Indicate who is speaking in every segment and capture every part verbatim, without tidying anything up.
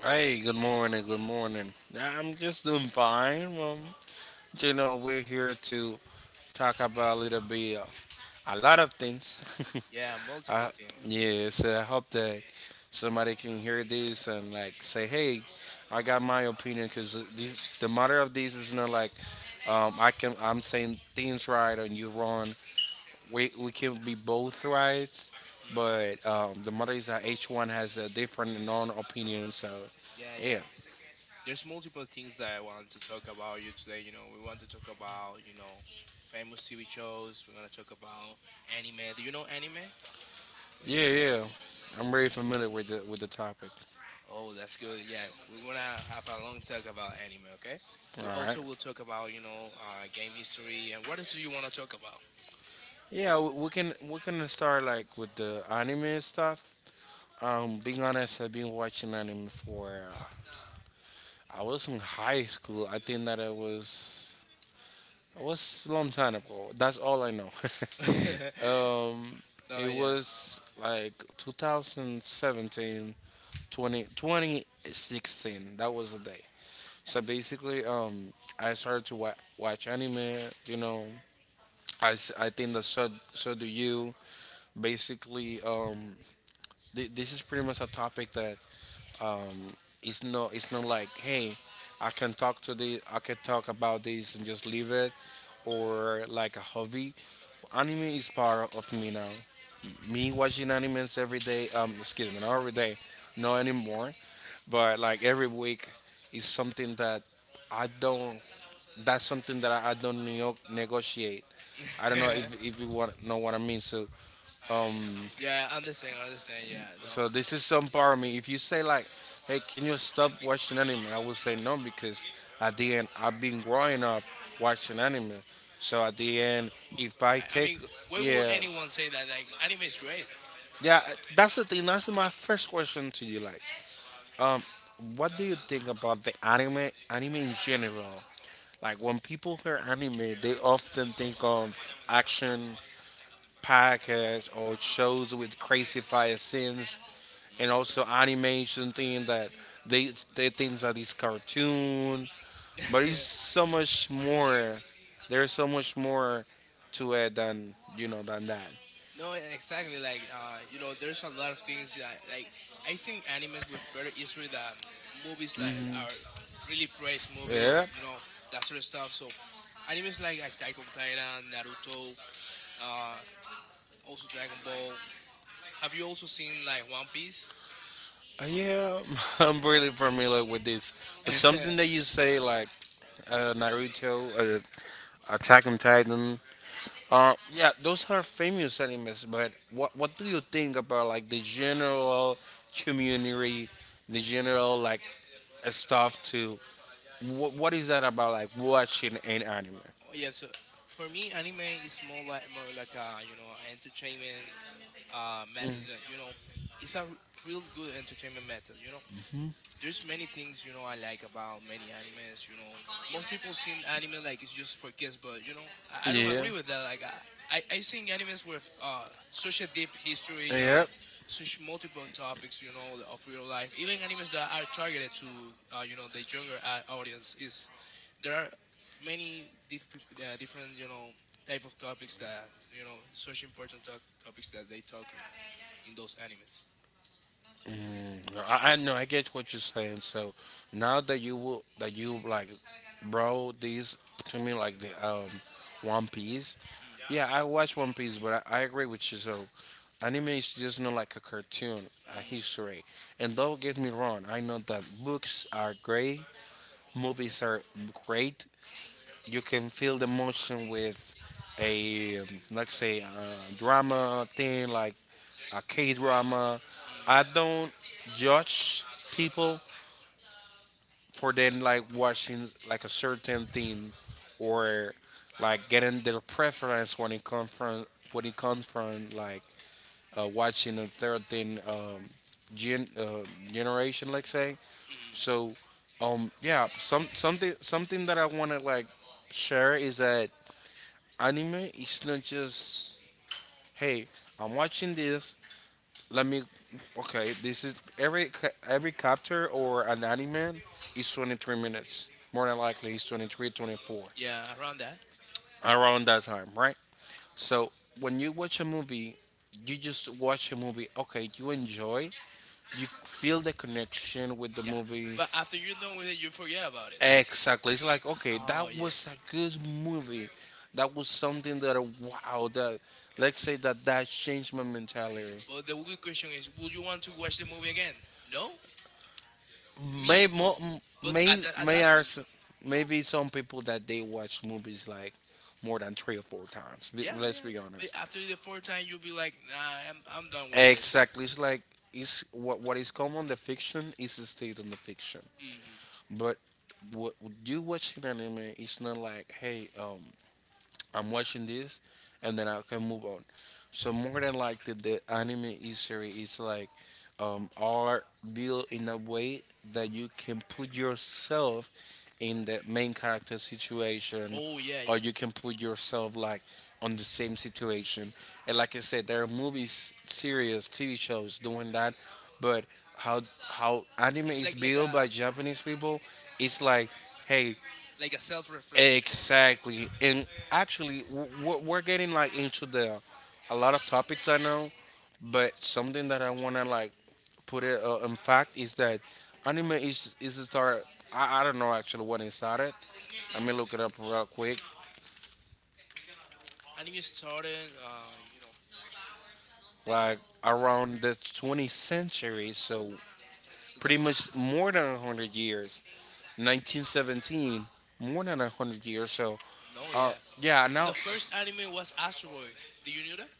Speaker 1: Hey, good morning, good morning. Nah, I'm just doing fine. Um, you know, we're here to talk about a little bit, of- a lot of things.
Speaker 2: Yeah, multiple
Speaker 1: uh,
Speaker 2: things.
Speaker 1: yeah, so I hope that somebody can hear this and like say, hey, I got my opinion because the matter of this is not like, um, I can I'm saying things right and you wrong. We we can be both right,
Speaker 2: Mm,
Speaker 1: but um, the matter is that each one has a different non opinion. So
Speaker 2: yeah,
Speaker 1: yeah.
Speaker 2: yeah. There's multiple things that I want to talk about you today. You know, we want to talk about, you know, famous T V shows. We're gonna talk about anime. Do you know anime?
Speaker 1: Yeah, yeah. I'm very familiar with the with the topic.
Speaker 2: Oh, that's good. Yeah, we wanna have a long talk about anime. Okay. We
Speaker 1: All right.
Speaker 2: also will talk about, you know, uh, game history and what else do you wanna talk about?
Speaker 1: Yeah, we we can we can start like with the anime stuff. Um, being honest, I've been watching anime for uh, I was in high school. I think that I was it was a long time ago. That's all I know. um,
Speaker 2: Oh
Speaker 1: it
Speaker 2: yeah.
Speaker 1: was like two thousand seventeen, twenty twenty sixteen. That was the day. So basically, um, I started to wa- watch anime. You know, I, s- I think that so so do you. Basically, um, th- this is pretty much a topic that, um, it's not it's not like, hey, I can talk to the I can talk about this and just leave it, or like a hobby. Anime is part of me now. Me watching animes every day. Um, excuse me, not every day, not anymore, but like every week is something that I don't That's something that I, I don't neo- negotiate.
Speaker 2: Yes.
Speaker 1: I don't know
Speaker 2: Mm.
Speaker 1: if, if you want know what I mean. So um,
Speaker 2: Yeah, I understand. I understand. Yeah, no.
Speaker 1: so this is some part of me. If you say like, hey, can you stop watching anime? I will say no because at the end I've been growing up watching anime. So at the end, if I I mean,
Speaker 2: I, I
Speaker 1: take
Speaker 2: mean,
Speaker 1: mean,
Speaker 2: why would
Speaker 1: yeah,
Speaker 2: anyone say that? Like, anime is great.
Speaker 1: yeah, that's the thing. That's my first question to you. Like, um, what do you think about the anime, anime in general? Like, when people hear anime, they often think of action podcasts or shows with crazy fire scenes, and
Speaker 2: Mm.
Speaker 1: also animation thing that they they think that it's cartoon, but it's so much more. There's so much more to it than, you know than that.
Speaker 2: No, exactly. Like, uh, you know, there's a lot of things that, like, I think animes with better history than movies like
Speaker 1: Hmm.
Speaker 2: are really praised movies.
Speaker 1: Yeah.
Speaker 2: You know, that sort of stuff. So, animes like Attack on Titan, Naruto, uh, also Dragon Ball. Have you also seen like One Piece?
Speaker 1: Uh, yeah, I'm really familiar with this. But something that you say, like, uh, Naruto, uh, Attack on Titan, uh, yeah, those are famous animes. But what what do you think about, like, the general community, the general, like, uh, stuff to what what is that about, like, watching an anime?
Speaker 2: Oh, yeah, so for me, anime is more like more like a you know entertainment uh method that you know it's a r- real good entertainment method. You know, there's many things you know I like about many animes. You know, most people seen anime like it's just for kids, but you know I, I don't
Speaker 1: Yeah.
Speaker 2: agree with that. Like I I, I seen animes with uh such a deep history. You know,
Speaker 1: Yeah.
Speaker 2: such multiple topics. You know of real life. Even animes that are targeted to uh, you know the younger uh, audience is there are many diff- uh, different you know type of topics that you know such important to- topics that they talk in, in those animes.
Speaker 1: Mm, no, I, I know. I get what you're saying. So now that you will, that you like, bro, these to me, like the, um, One Piece.
Speaker 2: Mm.
Speaker 1: Yeah, I watch One Piece, but I, I agree with you. So anime is just not like a cartoon, a
Speaker 2: Mm.
Speaker 1: history. And don't get me wrong. I know that books are great, movies are great. You can feel the emotion with a, um, let's say, uh drama thing like arcade drama.
Speaker 2: Mm. Mm.
Speaker 1: I don't judge people for then, like, watching like a certain thing, or like getting their preference when it comes from when it comes from like, uh, watching a certain, um, gen uh, generation, let's say.
Speaker 2: Mm.
Speaker 1: So, um, yeah, some something something that I want to, like, share is that anime is not just, hey, I'm watching this. Let me. Okay, this is every ca- every chapter or an anime is twenty three minutes. More than likely, it's twenty three twenty four,
Speaker 2: Yeah, around that.
Speaker 1: around that time, right? So when you watch a movie, you just watch a movie. Okay, you enjoy. You feel the connection with the
Speaker 2: Yeah.
Speaker 1: movie.
Speaker 2: But after you're done with it, you forget about it.
Speaker 1: It. Exactly. It's like, okay, that
Speaker 2: Oh, yeah.
Speaker 1: was a good movie. That was something that, uh, wow. That,
Speaker 2: Yeah.
Speaker 1: let's say that that changed my
Speaker 2: Yeah.
Speaker 1: mentality.
Speaker 2: But the good question is would you want to watch the movie again? No?
Speaker 1: May
Speaker 2: Me.
Speaker 1: mo,
Speaker 2: But
Speaker 1: may
Speaker 2: at that, at
Speaker 1: may
Speaker 2: that
Speaker 1: are
Speaker 2: time,
Speaker 1: some,
Speaker 2: no?
Speaker 1: maybe some people that they watch movies like more than three or four times. Be-
Speaker 2: Yeah,
Speaker 1: Let's
Speaker 2: yeah.
Speaker 1: be But
Speaker 2: But
Speaker 1: honest.
Speaker 2: after the fourth time, you'll be like, nah, I'm, I'm done with this.
Speaker 1: Exactly. It's like it's what what is common, the fiction is stayed on the fiction.
Speaker 2: Mm.
Speaker 1: But what what you watching anime, it's not like, hey, um I'm watching this and then I can move on. So more than like the, the anime history is, like, um are built in a way that you can put yourself in the main character situation,
Speaker 2: Oh yeah,
Speaker 1: or
Speaker 2: yeah.
Speaker 1: you can put yourself like on the same situation, and like I said, there are movies, series, TV shows doing that. But how how anime
Speaker 2: It's
Speaker 1: is
Speaker 2: like like
Speaker 1: built by
Speaker 2: a yeah,
Speaker 1: Japanese people, it's like, hey,
Speaker 2: like a self reflection.
Speaker 1: Exactly, and actually, w- we're we're getting like into the, a lot of topics I know, but something that I wanna, like, put it, uh, in fact, is that anime is is a start. I, I don't know actually when it started. Let me look it up real quick.
Speaker 2: Anime started, uh, you know.
Speaker 1: Like,
Speaker 2: it's-
Speaker 1: around the twentieth century, so
Speaker 2: oh, so
Speaker 1: pretty
Speaker 2: that's
Speaker 1: much more than one hundred years. nineteen seventeen, more than one hundred years. So,
Speaker 2: no,
Speaker 1: uh,
Speaker 2: yeah.
Speaker 1: yeah. Now,
Speaker 2: The first anime was Astro Boy. Do you know that?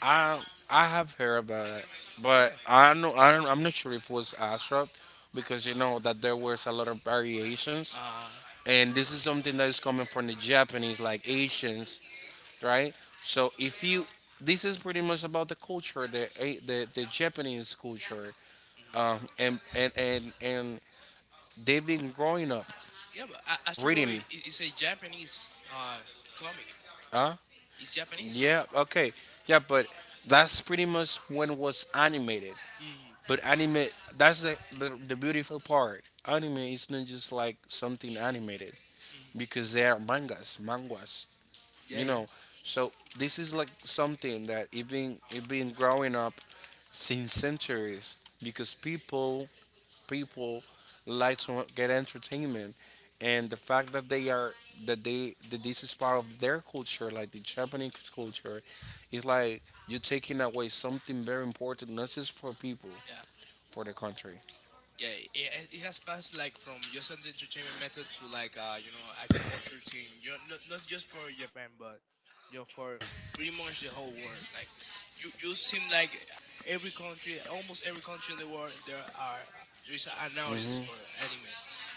Speaker 1: I I have heard about it, but
Speaker 2: Yeah.
Speaker 1: I know I don't, I'm not sure if it was Astroth, because you know that there was a lot of variations,
Speaker 2: Uh,
Speaker 1: and this is something that is coming from the Japanese, like Asians, right? So if you this is pretty much about the culture, the, eh, the, the Japanese culture,
Speaker 2: mhm.
Speaker 1: um, and, and and and they've been growing up
Speaker 2: Yeah, but A- Astro
Speaker 1: reading,
Speaker 2: Boy i- is a Japanese uh comic.
Speaker 1: huh?
Speaker 2: It's Japanese.
Speaker 1: Yeah, okay. Yeah, but that's pretty much when it was animated.
Speaker 2: Mm-hmm.
Speaker 1: But anime, that's the, the the beautiful part. Anime is not just like something animated, because they are mangas, manguas,
Speaker 2: Yeah,
Speaker 1: you
Speaker 2: yeah.
Speaker 1: know so this is like something that it been it been growing up since centuries, because people people like to get entertainment, and the fact that they are that they that this is part of their culture, like the Japanese culture, is like you're taking away something very important, not just for people,
Speaker 2: Yeah,
Speaker 1: for the country.
Speaker 2: yeah, it, it has passed like from just an entertainment method to like uh you know a culture thing. You know, not not just for Japan, but you know for pretty much the whole world. Like you you seem like every country, almost every country in the world, there are there is an audience for anime.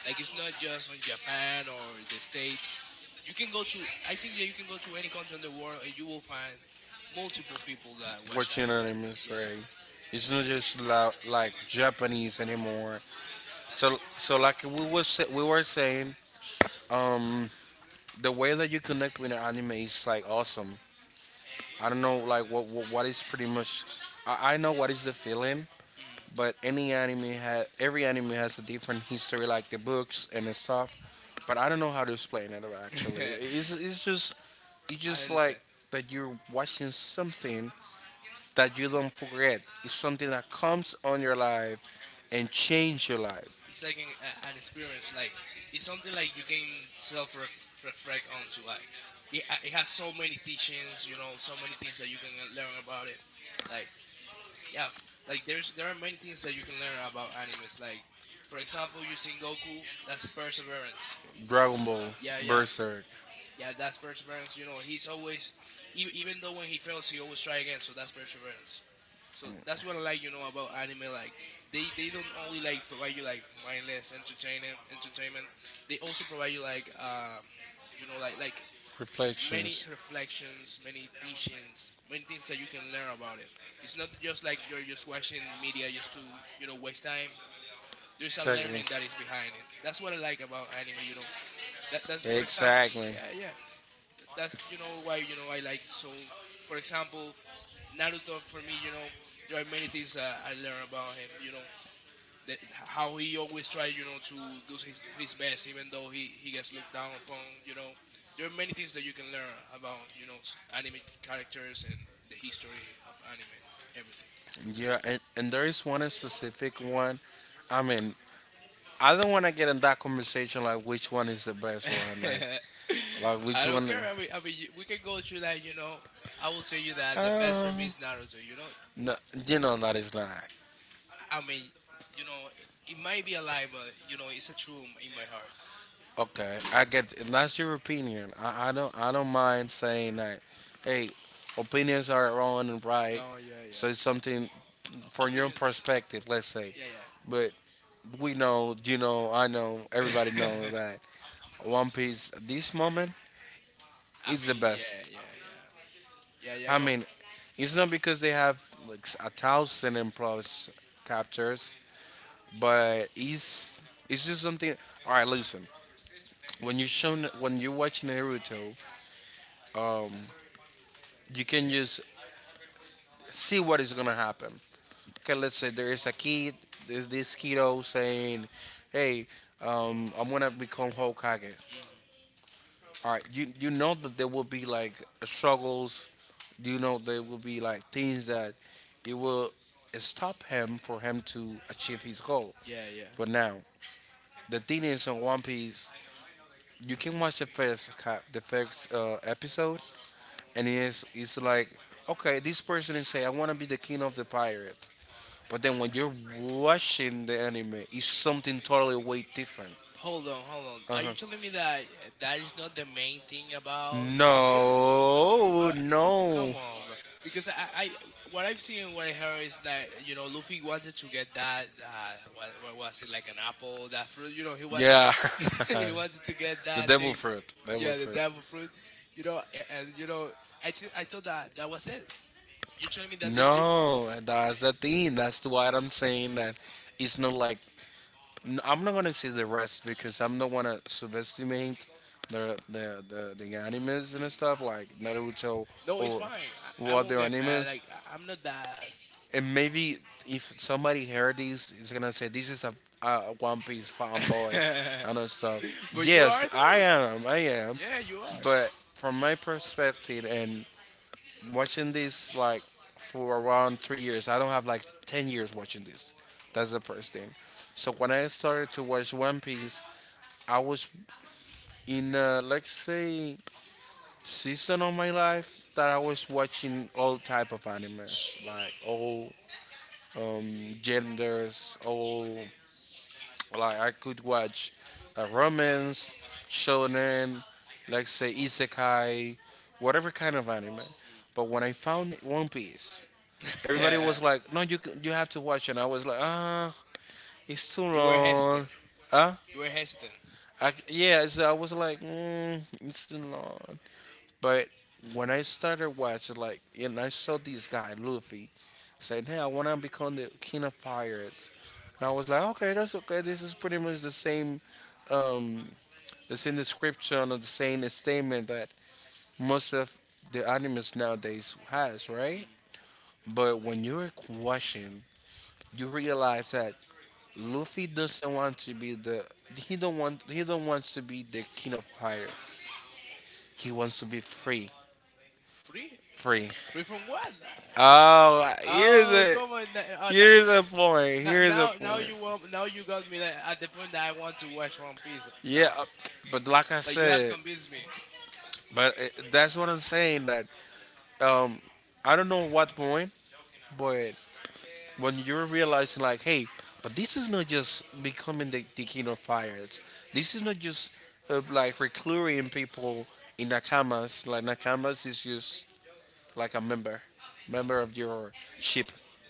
Speaker 2: Like it's not just on Japan or the states. You can go to I think that you can go to any country in the world and you will find multiple people that watch
Speaker 1: What you
Speaker 2: anime. Yeah.
Speaker 1: Right, it's not just la- like Japanese anymore. So so, like, we was sa- we were saying, um the way that you connect with an anime is like awesome. I don't know, like, what what, what is pretty much. I, I know what is the feeling,
Speaker 2: Yeah. Mhm.
Speaker 1: but any anime ha every anime has a different history, like the books and the stuff. But I don't know how to explain it actually. It's it's just it's
Speaker 2: I
Speaker 1: just like
Speaker 2: understand.
Speaker 1: that you're watching something that you don't forget. It's something that comes on your life and change your life.
Speaker 2: It's like an, a, an experience like it's something like you can self reflect onto like it, uh, it has so many teachings you know so many things that you can uh, learn about it like yeah like there's there are many things that you can learn about animes like for example you using Goku, that's perseverance,
Speaker 1: Dragon Ball,
Speaker 2: yeah yeah
Speaker 1: Berserk,
Speaker 2: yeah, that's perseverance, you know he's always even, even though when he fails he always try again so that's perseverance. So that's what I like, you know, about anime. Like they they don't only like provide you like mindless entertainment, entertainment. They also provide you like um, you know, like like many
Speaker 1: reflections.
Speaker 2: reflections, many teachings, many things that you can learn about it. It's not just like you're just watching media just to you know waste time. There's a learning that is behind it. That's what I like about anime, you know. That that's for example, yeah, yeah. Th- That's you know why you know I like so. For example, Naruto for me, you know, there are many things that I learn about him. You know, that how he always tries, you know, to do his, his best, even though he he gets looked down upon. You know, there are many things that you can learn about, you know, s- anime characters and the history of anime,
Speaker 1: Yeah. Yeah, and, and there is one specific one. I mean, I don't want to get in that conversation like which one is the best one, like,
Speaker 2: everything.
Speaker 1: like, I which
Speaker 2: I don't care. I mean, I mean, you- we can go through that. You know, I will tell you that the best for me
Speaker 1: you
Speaker 2: is Naruto. You know,
Speaker 1: know. No, you know that is not.
Speaker 2: I mean, you know, it it might be a lie, but you know, it's a truth in my heart.
Speaker 1: Okay, I get it. That's your opinion. I, I don't I don't mind saying that. Hey, opinions are wrong and right.
Speaker 2: Oh yeah, yeah.
Speaker 1: So it's something
Speaker 2: O-
Speaker 1: from your
Speaker 2: Opinions.
Speaker 1: perspective, let's say.
Speaker 2: Yeah, yeah.
Speaker 1: But we know, you know, I know, everybody knows that One Piece at this moment
Speaker 2: I
Speaker 1: is the
Speaker 2: mean, yeah,
Speaker 1: best.
Speaker 2: yeah, yeah, yeah, yeah.
Speaker 1: I
Speaker 2: No.
Speaker 1: mean, it's not because they have like a thousand and plus captures, but it's it's just something. All right, listen. When you shown when you're watching Naruto, um, you can just see what is gonna happen. Okay, let's say there is a kid, there's this kiddo saying, "Hey, um, I'm gonna become Hokage."
Speaker 2: Mm.
Speaker 1: All right, you you know that there will be like struggles. You know there will be like things that it will stop him for him to achieve his goal.
Speaker 2: Yeah, yeah.
Speaker 1: But now the thing is on One Piece, you can watch the first cap, the first uh, episode, and it's it's like, okay, this person is saying, "I want to be the king of the pirate." But then when you're watching the anime, it's something totally way different.
Speaker 2: Hold on, hold on. Are
Speaker 1: Uh-huh.
Speaker 2: you telling me that uh, that is not the main thing about One Piece?
Speaker 1: No,
Speaker 2: But
Speaker 1: no.
Speaker 2: come on, bro. Because I, I, what I've seen and what I heard is that you know Luffy wanted to get that uh, what, what was it like an apple that fruit? You know he was
Speaker 1: Yeah,
Speaker 2: he wanted to get
Speaker 1: the
Speaker 2: that
Speaker 1: devil
Speaker 2: thing.
Speaker 1: fruit. Devil.
Speaker 2: Yeah, the devil fruit. You know, and, and you know I thi- I thought that that was it. You're telling me that this different?
Speaker 1: No, that's the thing. That's why I'm saying that it's not like, N- I'm not gonna see the rest, because I'm not wanna subestimate the the the, the animes and
Speaker 2: Mm.
Speaker 1: stuff like Naruto
Speaker 2: No,
Speaker 1: or
Speaker 2: it's fine.
Speaker 1: or
Speaker 2: I, I
Speaker 1: other
Speaker 2: won't get mad.
Speaker 1: animes.
Speaker 2: Like I, I'm not that.
Speaker 1: And maybe if somebody heard this, is gonna say this is a, a One Piece fanboy and all stuff.
Speaker 2: But you
Speaker 1: Yes,
Speaker 2: are
Speaker 1: I
Speaker 2: though.
Speaker 1: am. I am.
Speaker 2: Yeah, you are.
Speaker 1: But from my perspective and watching this like for around three years. I don't have like ten years watching this. That's
Speaker 2: Wow.
Speaker 1: the first thing. So when I started to watch One Piece, I was in a, let's say, season of my life that I was watching all type of animes, like, all, um, genders, all, like, I could watch, uh, romance, shonen, let's say, isekai, whatever kind of anime. But when I found One Piece, everybody was like, "No, you c- you have to watch," and I was like, "Ah, it's too
Speaker 2: You were
Speaker 1: long."
Speaker 2: hesitant.
Speaker 1: Huh?
Speaker 2: You were hesitant.
Speaker 1: I, yeah, so I was like, mm, "It's too long." But when I started watching, like, and I saw this guy Luffy saying, "Hey, I want to become the king of pirates," and I was like, "Okay, that's okay. This is pretty much the same, um, the same description or the same statement that most of the animes nowadays has, right?"
Speaker 2: Mm.
Speaker 1: But when you're watching, you realize that Luffy doesn't want to be the he don't want he don't want to be the king of pirates. He wants to be free.
Speaker 2: Free?
Speaker 1: Free.
Speaker 2: Free from what? Like,
Speaker 1: Oh, here's
Speaker 2: oh,
Speaker 1: a
Speaker 2: come on. na- uh, na-
Speaker 1: here's a point.
Speaker 2: na-
Speaker 1: Here's a
Speaker 2: Now, now you want, now you got me that at the point that I want to watch One Piece
Speaker 1: Yeah.
Speaker 2: now.
Speaker 1: But like I
Speaker 2: Like you have
Speaker 1: said,
Speaker 2: convinced me.
Speaker 1: but uh, that's what I'm saying. That um, I don't know what point, but when you're realizing like, hey, but this is not just becoming the, the king of pirates. This is not just uh, like recruiting people in nakamas. Like nakamas is just like a member,
Speaker 2: Oh,
Speaker 1: member of your ship.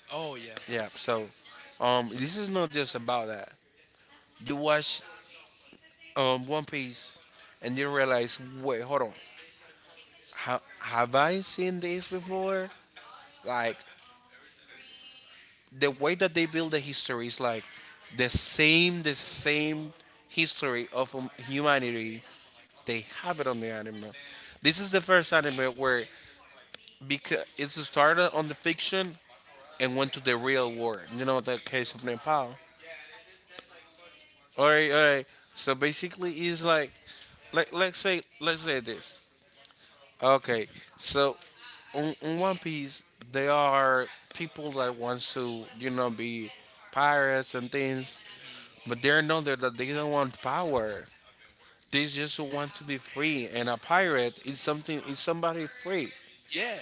Speaker 2: oh yeah.
Speaker 1: Yeah. So, um, this is not just about that. You watch um One Piece, and you realize, wait, hold on, ha- have I seen this before? Like the way that they build the history is like the same, the same history of um, humanity. They have it on the anime. This is the first anime where because it started on the fiction and went to the real world. You know the case of Nepal. All right, all right. So basically, it's like like let's say let's say this. Okay, so on, on One Piece, there are people that wants to, you know, be pirates and things,
Speaker 2: Hmm.
Speaker 1: but they're not there that they don't want power. They just want to be free, and a
Speaker 2: Yeah.
Speaker 1: pirate is something is somebody free.
Speaker 2: Yeah.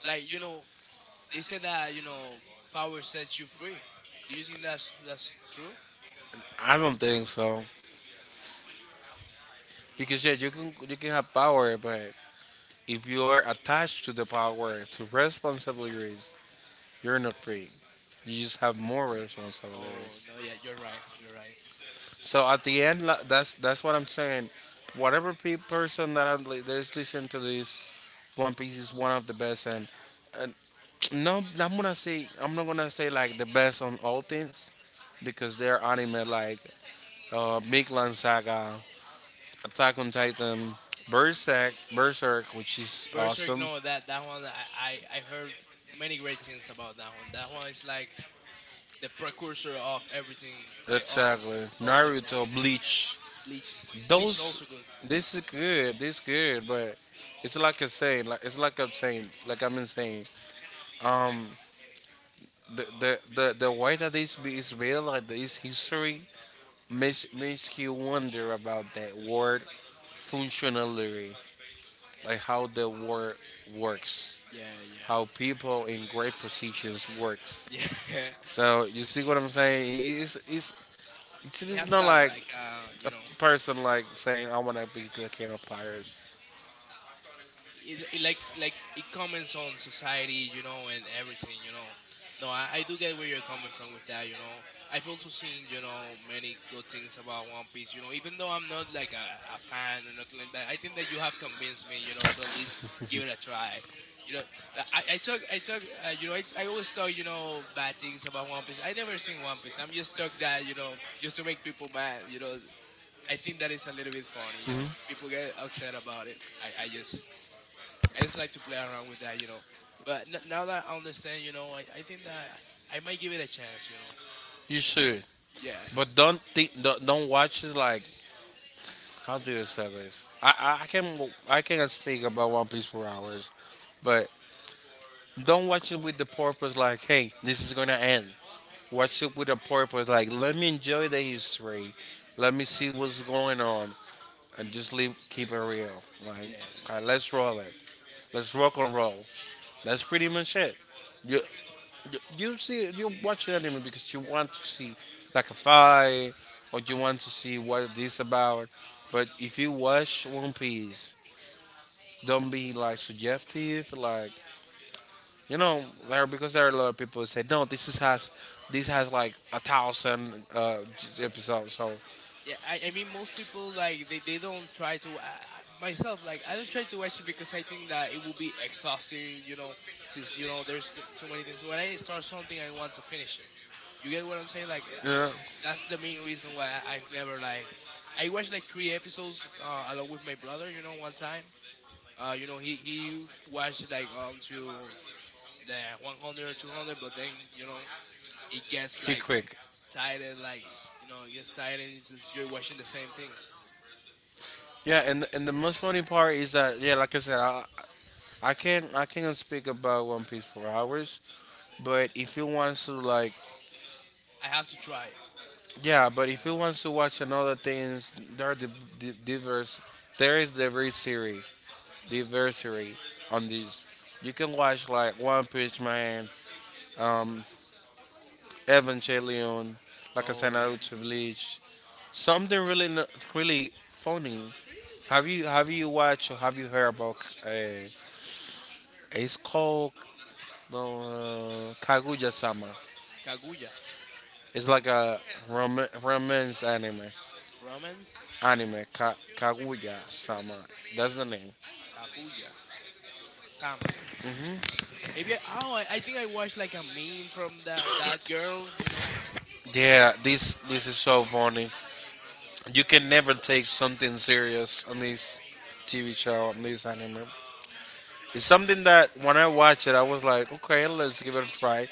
Speaker 2: Like you know, they said that you know power sets you free. Do you think that's that's true?
Speaker 1: I don't think so because yeah,
Speaker 2: Mm.
Speaker 1: you can you can have power, but if you are attached to the power to responsibilities, you're not free. You just have more responsibility.
Speaker 2: Oh no, yeah, you're right, you're right.
Speaker 1: So at the end, la- that's that's what I'm saying. Whatever pe- person that i li- that is listening to this, One Piece is one of the best. And uh, no, I'm gonna say I'm not gonna say like the best on all things because there are anime like uh, Big Land Saga, Attack on Titan, Berserk, Berserk, which is
Speaker 2: Berserk,
Speaker 1: awesome.
Speaker 2: no, that that one I I, I heard many great things about that one. That one is like the precursor of everything, like all
Speaker 1: Exactly.
Speaker 2: all of the good
Speaker 1: Naruto,
Speaker 2: ones.
Speaker 1: Bleach.
Speaker 2: Bleach, Bleach is
Speaker 1: Those
Speaker 2: also good.
Speaker 1: this is good. This is good, but it's like I'm saying, like it's like I'm saying, like I'm saying. Um, the the the, the way that this be- is real, like this history, makes makes you wonder about that word functionally, like how the word works,
Speaker 2: Yeah, yeah,
Speaker 1: how people in great positions works.
Speaker 2: yeah.
Speaker 1: So you see what I'm saying? It- It's it's it's,
Speaker 2: He has
Speaker 1: it's not
Speaker 2: like
Speaker 1: like
Speaker 2: like uh you
Speaker 1: a
Speaker 2: know
Speaker 1: person like saying, "I want to be the king of pirates."
Speaker 2: it, it likes like it comments on society, you know, and everything, you know. No, I, I do get where you're coming from with that, you know. I've also seen, you know, many good things about One Piece, you know, even though I'm not like a, a fan or nothing like that. I think that you have convinced me, you know, to at least give it a try. You know, I, I talk, I talk, uh, you know, I, I always talk, you know, bad things about One Piece. I never seen One Piece. I'm just talk that, you know, just to make people mad, you know. I think that is a little bit funny, you know. People get upset about it. I, I just I just like to play around with that, you know. But n- now that I understand, you know, I, I think that I might give it a chance, you know.
Speaker 1: You should.
Speaker 2: Yeah.
Speaker 1: But don't think, don't, don't watch it like, how do you say this? I I, I can I can speak about One Piece for hours, but don't watch it with the purpose like, hey, this is gonna end. Watch it with a purpose like, let me enjoy the history, let me see what's going on, and just
Speaker 2: Mm,
Speaker 1: leave keep it real. Right?
Speaker 2: yeah.
Speaker 1: Like, okay, let's roll it. Let's rock and roll. That's pretty much it. You, You see, you watch an anime because you want to see like a fight, or you want to see what this about. But if you watch One Piece, don't be like subjective, like, you know, there because there are a lot of people who say no, this is has this has like a thousand uh, j-
Speaker 2: Yeah.
Speaker 1: episodes. So
Speaker 2: Yeah. I, I mean, most people, like, they, they don't try to. I, I, myself, like, I don't try to watch it because I think that it will be exhausting, you know, since, you know, there's t- too many things. When I start something, I want to finish it. You get what I'm saying? Like, uh,
Speaker 1: yeah,
Speaker 2: that's the main reason why I, I've never, like, I watched, like, three episodes uh, along with my brother, you know, one time. Uh, you know, he he watched like um to the one hundred, two hundred, but then you know it gets
Speaker 1: he
Speaker 2: like
Speaker 1: quick.
Speaker 2: tired, and, like you know it gets tired, and since you're watching the same thing,
Speaker 1: Yeah, and and the most funny part is that yeah, like I said, I I can't I can't speak about One Piece for hours. But if you want to like
Speaker 2: I have to try it. It's
Speaker 1: yeah,
Speaker 2: a-
Speaker 1: but if
Speaker 2: yeah,
Speaker 1: you
Speaker 2: yeah.
Speaker 1: want to watch another things, there are the, the diverse. There is diversity, diversity on this. You can watch like One Piece Man, um, Evangelion, like I said,
Speaker 2: Oh yeah,
Speaker 1: Naruto Bleach. Something really n- really funny. Have you have you watched or have you heard about uh, it's called no uh, Kaguya-sama.
Speaker 2: Kaguya,
Speaker 1: It's like a rom- romance anime.
Speaker 2: Romance,
Speaker 1: Anime Ka- Kaguya-sama. That's the name.
Speaker 2: Kabuya, Sama. Maybe I Oh, I, I think I watched like a meme from that that girl. You know,
Speaker 1: Yeah, this this is so funny. You can never take something serious on this T V show, on this anime. It's something that when I watch it, I was like, okay, let's give it a try.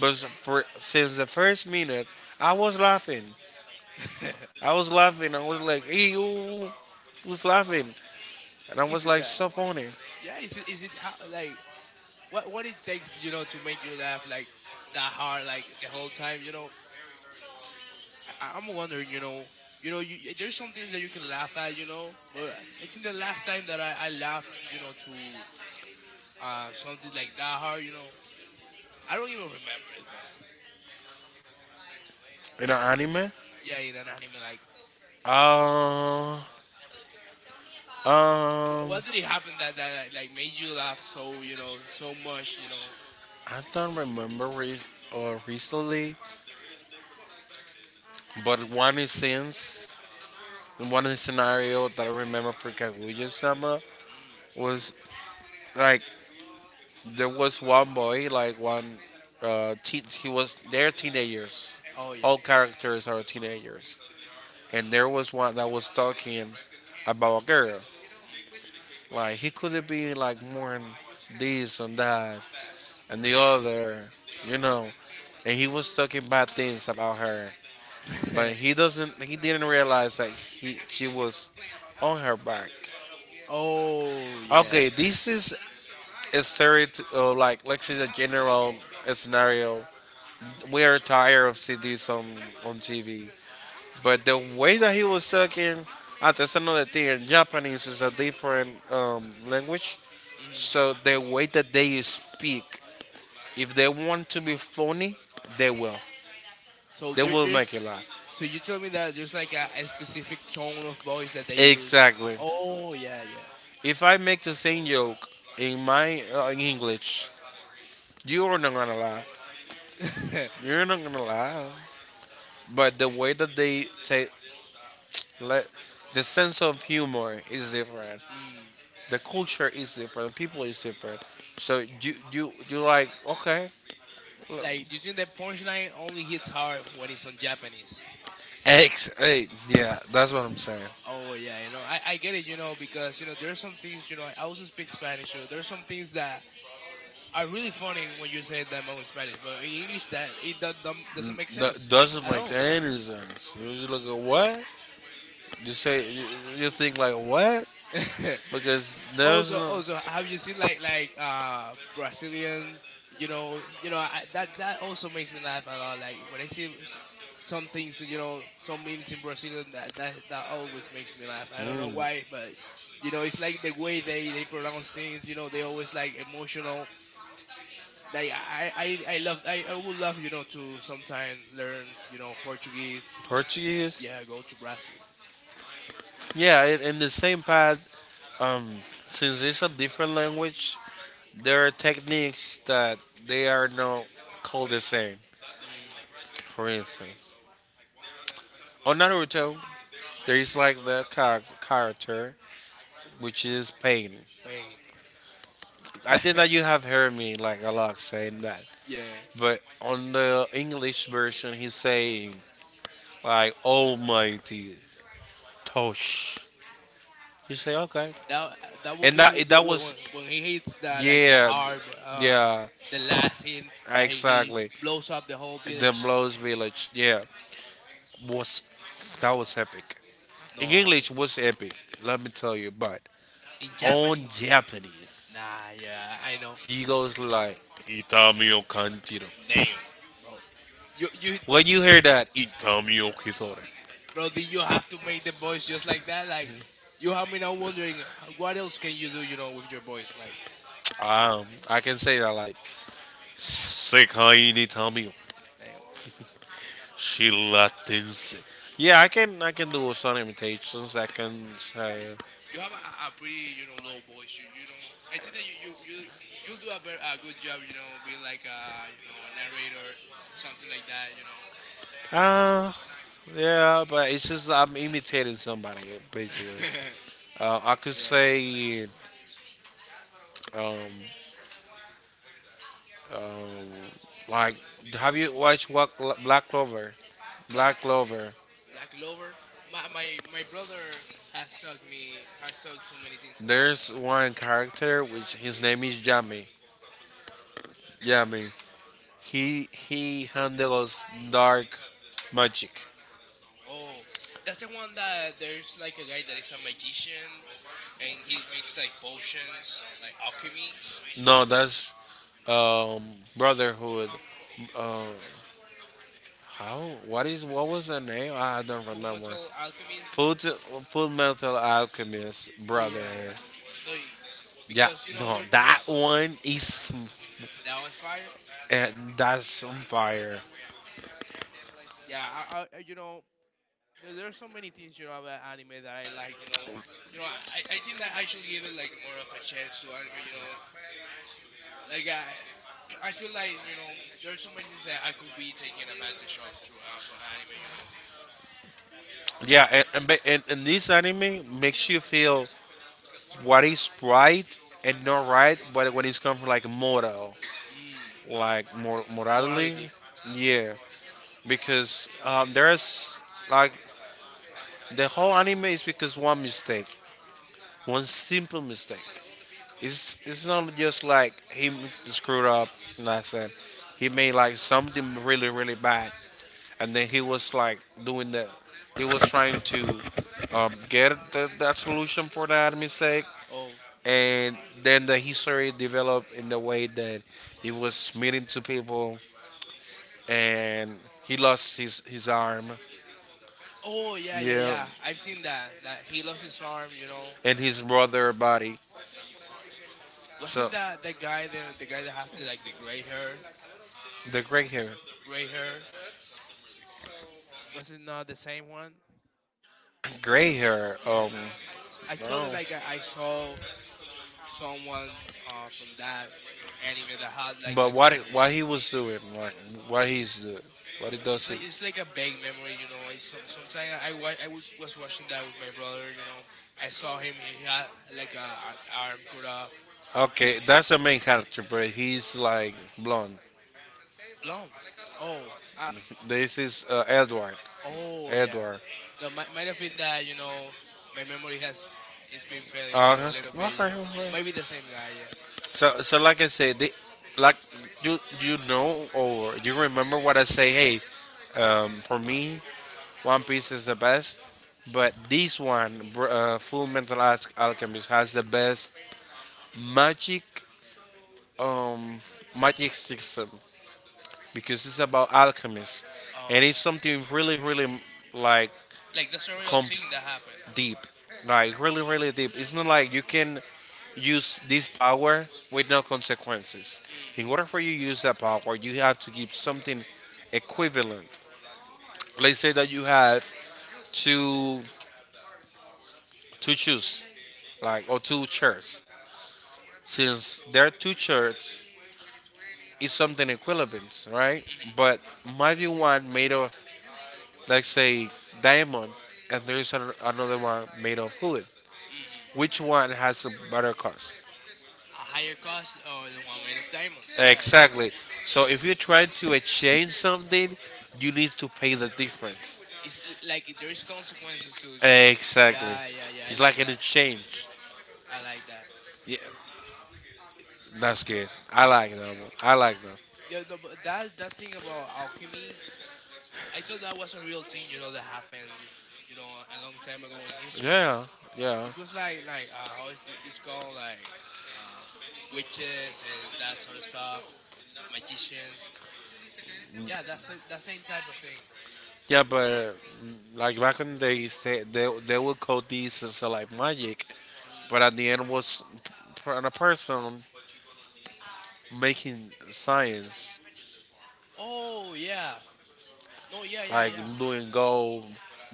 Speaker 1: But for since the first minute, I was laughing. I was laughing. I was like, ew, was laughing, and I
Speaker 2: Is
Speaker 1: was
Speaker 2: it
Speaker 1: like,
Speaker 2: that?
Speaker 1: so funny
Speaker 2: Yeah, is it is it how like what what it takes you know to make you laugh like that hard like the whole time you know I, I'm wondering, you know, you know, you, there's some things that you can laugh at, you know, but I think the last time that I, I laughed, you know, to uh something like that hard, you know, I don't even remember, bro.
Speaker 1: in an anime.
Speaker 2: Yeah, in an anime, like,
Speaker 1: Uh, um,
Speaker 2: wh-
Speaker 1: I
Speaker 2: what did it happen that that like like, made you laugh so, you know, so much, you know?
Speaker 1: don't remember re- or recently, but one is since one scenario that I remember for Kaguya Sama
Speaker 2: Mm.
Speaker 1: was like there was one boy, like one uh, teen, he was they're teenagers.
Speaker 2: Oh yeah.
Speaker 1: All characters are teenagers, and there was one that was talking about a girl. Like he could have been like more than this and that, and the other, you know. And he was talking bad things about her, but
Speaker 2: Mm.
Speaker 1: he doesn't. He didn't realize that he she was on her back.
Speaker 2: Oh yeah.
Speaker 1: Okay, this is a story to, uh, like let's say a general scenario. We are tired of seeing this on on T V, but the way that he was talking, ah, that's another thing. Japanese is a different um, language,
Speaker 2: Mm.
Speaker 1: so the way that they speak, if they want to be funny, they will.
Speaker 2: So
Speaker 1: They
Speaker 2: there,
Speaker 1: will
Speaker 2: there's
Speaker 1: make you laugh.
Speaker 2: so you told me that there's like a, a specific tone of voice that they use.
Speaker 1: Exactly.
Speaker 2: Oh yeah,
Speaker 1: If I make the same joke in my uh, in English, you are not gonna laugh.
Speaker 2: yeah.
Speaker 1: You're not gonna laugh. But the way that they take let the sense of humor is different.
Speaker 2: Mm.
Speaker 1: The culture is different. People is different. So you you you like okay. Look.
Speaker 2: Like, you think the punchline only hits hard when it's on Japanese?
Speaker 1: Ex, eh, yeah, that's what I'm saying.
Speaker 2: Oh yeah, you know, I, I get it, you know, because you know there are some things, you know, I also speak Spanish, you know, there are some things that are really funny when you say them in Spanish, but in English that it do- don't, doesn't make sense,
Speaker 1: Sense.
Speaker 2: like
Speaker 1: Doesn't
Speaker 2: at
Speaker 1: make
Speaker 2: all.
Speaker 1: any sense. You just look at what you say. You, you think like what because there's.
Speaker 2: also,
Speaker 1: Like,
Speaker 2: also, have you seen like like uh Brazilian? You know, you know I, that that also makes me laugh a lot. Like when I see s- some things, you know, some memes in Brazilian that that that always makes me laugh. I don't know why, but you know, it's like the way they they pronounce things. You know, they always like emotional. Like I I I love I I would love you know to sometime learn you know Portuguese.
Speaker 1: Portuguese.
Speaker 2: Yeah, go to Brazil.
Speaker 1: Yeah, in, in the same path. Um, since it's a different language, there are techniques that they are not called the same.
Speaker 2: Mm,
Speaker 1: For instance, on Naruto, there is like the char- character which is pain.
Speaker 2: Spain.
Speaker 1: I think that you have heard me like a lot saying that.
Speaker 2: yeah.
Speaker 1: But on the English version, he's saying like Almighty Tosh. You say okay,
Speaker 2: That that will
Speaker 1: and
Speaker 2: be
Speaker 1: that
Speaker 2: when,
Speaker 1: that was
Speaker 2: when when he hits the like the
Speaker 1: yeah
Speaker 2: hard uh
Speaker 1: yeah
Speaker 2: the last hit that he, he
Speaker 1: exactly.
Speaker 2: blows up the whole
Speaker 1: The
Speaker 2: village.
Speaker 1: Blows Village yeah was that was epic. In
Speaker 2: No, I mean
Speaker 1: English what's epic, let me tell you, but
Speaker 2: in
Speaker 1: on
Speaker 2: Japanese.
Speaker 1: Japanese,
Speaker 2: Nah, yeah, I know.
Speaker 1: he goes like Itami o Kanjiro.
Speaker 2: Damn, bro. You you
Speaker 1: When you hear that, Itami o Kisore.
Speaker 2: Bro, did you have to make the voice just like that? Like you have me now wondering h- what else can you do, you know, with your voice like
Speaker 1: Um, I can say that like Sekai ni Itami o
Speaker 2: damn.
Speaker 1: Shiratense. Yeah, I can I can do some imitations. I can
Speaker 2: Yeah,
Speaker 1: say
Speaker 2: you have a, a pretty you know low voice. You you know I think that you you you you'll do a very a good job. You know, being like a you know a narrator, something like that. You know.
Speaker 1: uh yeah, but it's just I'm imitating somebody basically. Uh, I could
Speaker 2: yeah, yeah.
Speaker 1: say um Um, like, have you watched what Black Clover?
Speaker 2: Black
Speaker 1: Black Clover.
Speaker 2: Black Lover. My my my brother has talked me has talked so many things about that
Speaker 1: There's
Speaker 2: to me.
Speaker 1: one character which his name is Yami.
Speaker 2: Jam.
Speaker 1: Yami. He he handles dark magic.
Speaker 2: Oh, that's the one that there's like a guy that is a magician and he makes like potions, like alchemy,
Speaker 1: No, that's um Brotherhood. Uh, how? What is? What was the name? I don't
Speaker 2: full
Speaker 1: remember.
Speaker 2: metal alchemist. No.
Speaker 1: Full Full Metal Alchemist
Speaker 2: Oh yeah,
Speaker 1: Brotherhood.
Speaker 2: yeah. No,
Speaker 1: Yeah,
Speaker 2: because you know
Speaker 1: no,
Speaker 2: there, there's
Speaker 1: that one is
Speaker 2: that was Fire.
Speaker 1: and that's on fire.
Speaker 2: Yeah, I, I, you know there, there are so many things you know about anime that I like. You know, you know I, I think that I should give it like more of a chance to anime. You know, like I I feel like you know there are so many things that I could be taking advantage of to uh, from anime. You know,
Speaker 1: Yeah, and, and, ba- and, and this anime makes you feel what is right and not right, but when it's come from like moral,
Speaker 2: mm,
Speaker 1: like mor- morality,
Speaker 2: morality.
Speaker 1: yeah, because um, there's like the whole anime is because one mistake, one simple mistake. It's it's not just like he screwed up, nothing. He made like something really really bad, and then he was like doing the, he was trying to, um, get the, that solution for that mistake
Speaker 2: Oh,
Speaker 1: and then the history developed in the way that he was meeting two people and he lost his his arm
Speaker 2: oh yeah, yeah,
Speaker 1: yeah
Speaker 2: yeah. I've seen that that he lost his arm. You know,
Speaker 1: and his brother body
Speaker 2: yeah.
Speaker 1: so
Speaker 2: Wasn't that the guy the the guy that has the like the gray hair,
Speaker 1: the gray hair
Speaker 2: gray hair? Was it not the same one?
Speaker 1: gray hair um
Speaker 2: Yes. I totally
Speaker 1: no
Speaker 2: like I, I saw someone uh, from that anime that had like
Speaker 1: but
Speaker 2: a
Speaker 1: what he-
Speaker 2: great hair.
Speaker 1: what he was doing like what he's doing what he
Speaker 2: No,
Speaker 1: does
Speaker 2: it's like it's like a vague memory, you know. It's some sometimes I I, wa- I w- was watching that with my brother, you know. I saw him. He had
Speaker 1: he
Speaker 2: like a, an arm cut off,
Speaker 1: okay, that's the main character, but he's like blonde.
Speaker 2: blonde. Oh, um,
Speaker 1: This is uh, Edward.
Speaker 2: oh yeah.
Speaker 1: Edward.
Speaker 2: No, might might have been that, you know. My memory has it's been failing, you know,
Speaker 1: Uh-huh.
Speaker 2: a little bit,
Speaker 1: Okay,
Speaker 2: you know.
Speaker 1: okay.
Speaker 2: Might be the same guy, yeah.
Speaker 1: So, so like I said, the, like you you know or you remember what I say. Hey, um, for me, One Piece is the best, but this one, Br- uh, Full Metal Alch- Alchemist, has the best magic um magic system. Because it's about alchemists,
Speaker 2: Oh.
Speaker 1: and it's something really, really like
Speaker 2: Like the surreal
Speaker 1: com-
Speaker 2: thing that happened.
Speaker 1: deep, like really, really deep. It's not like you can use this power with no consequences. In
Speaker 2: Mm.
Speaker 1: order for you to use that power, you have to give something equivalent. Let's say that you have two two shoes, like or two shirts. Since there are two shirts, it's something equivalent, right? But might be one made of, let's say, diamond, and there is an, another one made of wood.
Speaker 2: Hmm, hmm.
Speaker 1: Which one has a better cost?
Speaker 2: A higher cost or the one made of diamonds. Yeah, yeah.
Speaker 1: Exactly. So if you're trying to exchange something, you need to pay the difference.
Speaker 2: It's l- like there is consequences to to.
Speaker 1: Exactly.
Speaker 2: Yeah, yeah, yeah. I
Speaker 1: It's
Speaker 2: like
Speaker 1: like an
Speaker 2: that.
Speaker 1: exchange.
Speaker 2: I like that.
Speaker 1: Yeah, that's good. I like that one. I like that.
Speaker 2: Yeah, the but that that thing about alchemy, I thought that was a real thing. You know that happened. You know, a long time ago in history.
Speaker 1: Yeah, yeah,
Speaker 2: It was like like uh, how is thi- this called? Like uh, witches and that sort of stuff, magicians. Yeah, that's the- that same type of thing.
Speaker 1: yeah. But mm, like back in the days, they they, they would call these as uh, like magic, but at the
Speaker 2: Mm.
Speaker 1: end was p- p- a person making science.
Speaker 2: Oh yeah. No, yeah, yeah,
Speaker 1: Like
Speaker 2: yeah.
Speaker 1: blue and gold,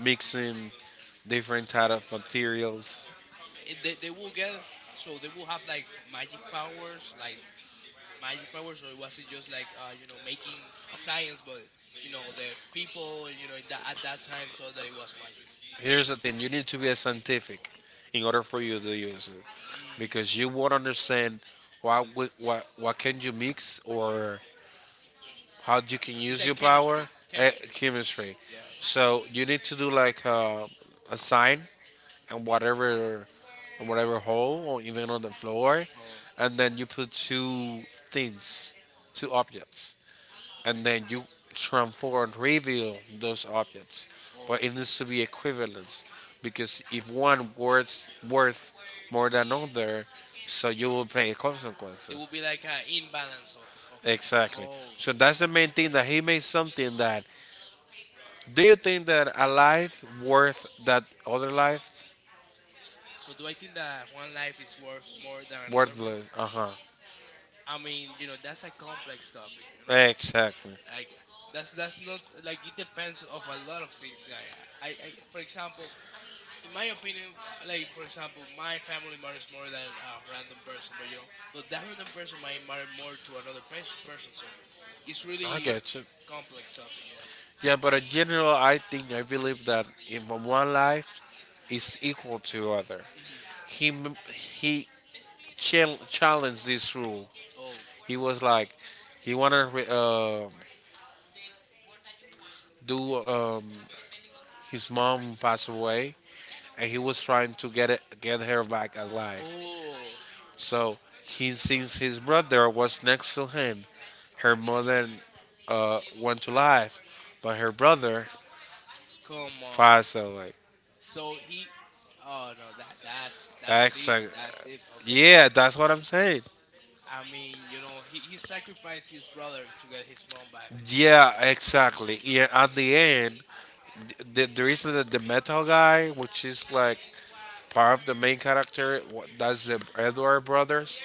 Speaker 1: mixing different type of materials.
Speaker 2: It- They they will get so they will have like magic powers, like magic powers, or was it just like uh you know making science? But you know the people you know in that at that time thought that it was magic.
Speaker 1: Here's the thing: you need to be a scientific in order for you to use it,
Speaker 2: Mm.
Speaker 1: because you won't understand what wi- what what can you mix or how you can
Speaker 2: It's
Speaker 1: use your
Speaker 2: like
Speaker 1: power.
Speaker 2: chemistry,
Speaker 1: Eh,
Speaker 2: chemistry.
Speaker 1: chemistry.
Speaker 2: Yeah, yeah.
Speaker 1: So you need to do like uh, a sign and whatever on whatever hole or even on the floor,
Speaker 2: Oh,
Speaker 1: and then you put two things, two objects, and
Speaker 2: okay.
Speaker 1: then you transform and reveal those objects.
Speaker 2: Oh,
Speaker 1: But it needs to be equivalence, because if one worth worth more than other, so you will pay
Speaker 2: it
Speaker 1: consequences.
Speaker 2: will be like an imbalance of of.
Speaker 1: Exactly.
Speaker 2: Oh,
Speaker 1: So that's the
Speaker 2: that's
Speaker 1: main thing that
Speaker 2: interesting.
Speaker 1: he made something that. Do you think that a life worth that other life?
Speaker 2: So do I think that one life is worth more than another one?
Speaker 1: Worthless. Uh huh.
Speaker 2: I mean, you know, that's a complex topic, you know?
Speaker 1: Exactly. Like
Speaker 2: Like that's that's not like it depends of a lot of things. Like I, I, I for example, in my opinion, like for example, my family matters more than a random person, but you know, but that random person might matter more to another pers- person. So it's really
Speaker 1: get you.
Speaker 2: complex topic, yeah.
Speaker 1: Yeah. Yeah, but in general, I think I believe that in one life is equal to other.
Speaker 2: Hmm.
Speaker 1: He m- he chal- challenged this rule.
Speaker 2: Oh,
Speaker 1: He was like, he wanted uh, do um, his mom passed away, and he was trying to get it, get her back alive.
Speaker 2: oh,
Speaker 1: So he, since his brother was next to him, her mother uh, went to life, but her brother
Speaker 2: come on.
Speaker 1: passed away.
Speaker 2: So he, oh no, that that's that's deep,
Speaker 1: Exactly.
Speaker 2: that's deep. Okay,
Speaker 1: Yeah, that's what I'm saying.
Speaker 2: I mean, you know, he, he sacrificed his brother to get his mom back.
Speaker 1: Yeah, exactly. Yeah, at the end, the, the reason that the metal guy, which is like part of the main character, wh-
Speaker 2: Mhm.
Speaker 1: that's the Edward brothers,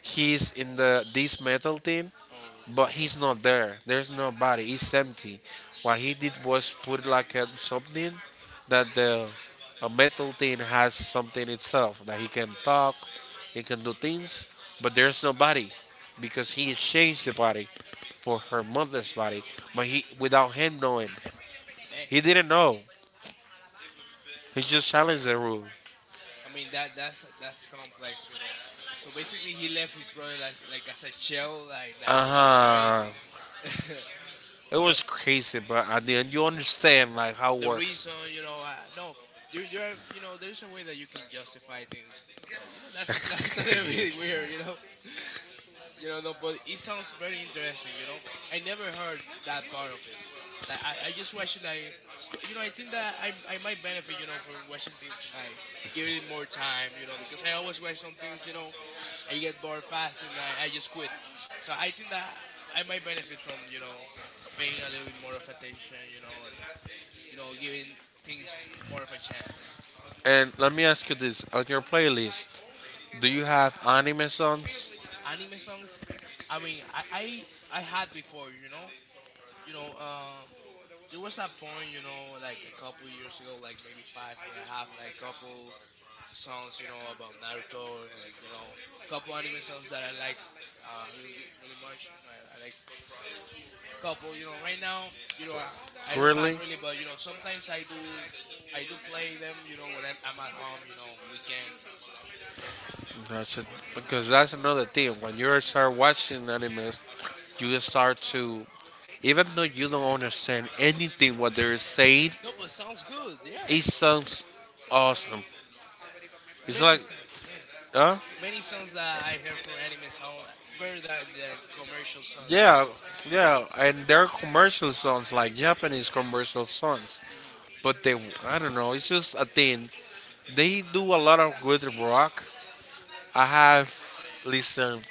Speaker 1: he's in the this metal team,
Speaker 2: Oh,
Speaker 1: but he's not there. There's nobody. It's empty. What he did was put like a, something, that the, a metal thing has something itself that he can talk, he can do things, but there's nobody, because he exchanged the body for her mother's body, but he, without him knowing,
Speaker 2: damn.
Speaker 1: he didn't know. He just challenged the rule.
Speaker 2: I mean that that's that's complex, you know. So basically, he left his brother like like as a child. Like
Speaker 1: Uh
Speaker 2: nah, that's
Speaker 1: huh.
Speaker 2: crazy.
Speaker 1: It
Speaker 2: the,
Speaker 1: was crazy, but at the end you understand like how it
Speaker 2: the
Speaker 1: works.
Speaker 2: reason, you know, uh, no, there there are you know there's a way that you can justify things, but you know that's that's a little bit weird, you know. You know, no, but it sounds very interesting. You know, I never heard that part of it. Like I, I just watched it. Like y- you know, I think that I, I might benefit. You know, from watching things like give it more time. You know, because I always watch some things. You know, I get bored fast and I, I just quit. So I think that I might benefit from you know paying a little bit more of attention. You know, and you know giving things more of a chance.
Speaker 1: And let me ask you this: on your playlist, do you have anime songs?
Speaker 2: Anime songs. I mean, I I, I had before. You know, you know. Um, there was a point, you know, like a couple years ago, like maybe five, where I have like couple songs, you know, about Naruto and you know, couple anime songs that I like uh, really good, really much. You know, I, I like a couple. You know, right now, you know, I, I don't have
Speaker 1: Really?
Speaker 2: really, but you know, sometimes I do, I do play them. You know, when I'm, I'm at home, you know, on weekend.
Speaker 1: That's it. Because that's another thing. When you start watching anime, you start to, even though you don't understand anything what they're saying,
Speaker 2: No, but sounds good. Yeah.
Speaker 1: it sounds awesome. It's
Speaker 2: Many
Speaker 1: like,
Speaker 2: songs, many,
Speaker 1: huh?
Speaker 2: many songs that I hear from anime sound better than the commercial songs that.
Speaker 1: Yeah, yeah, and their commercial songs like Japanese commercial songs,
Speaker 2: Mhm.
Speaker 1: but they I don't know, it's just a thing. They do a lot of good rock. I have listened.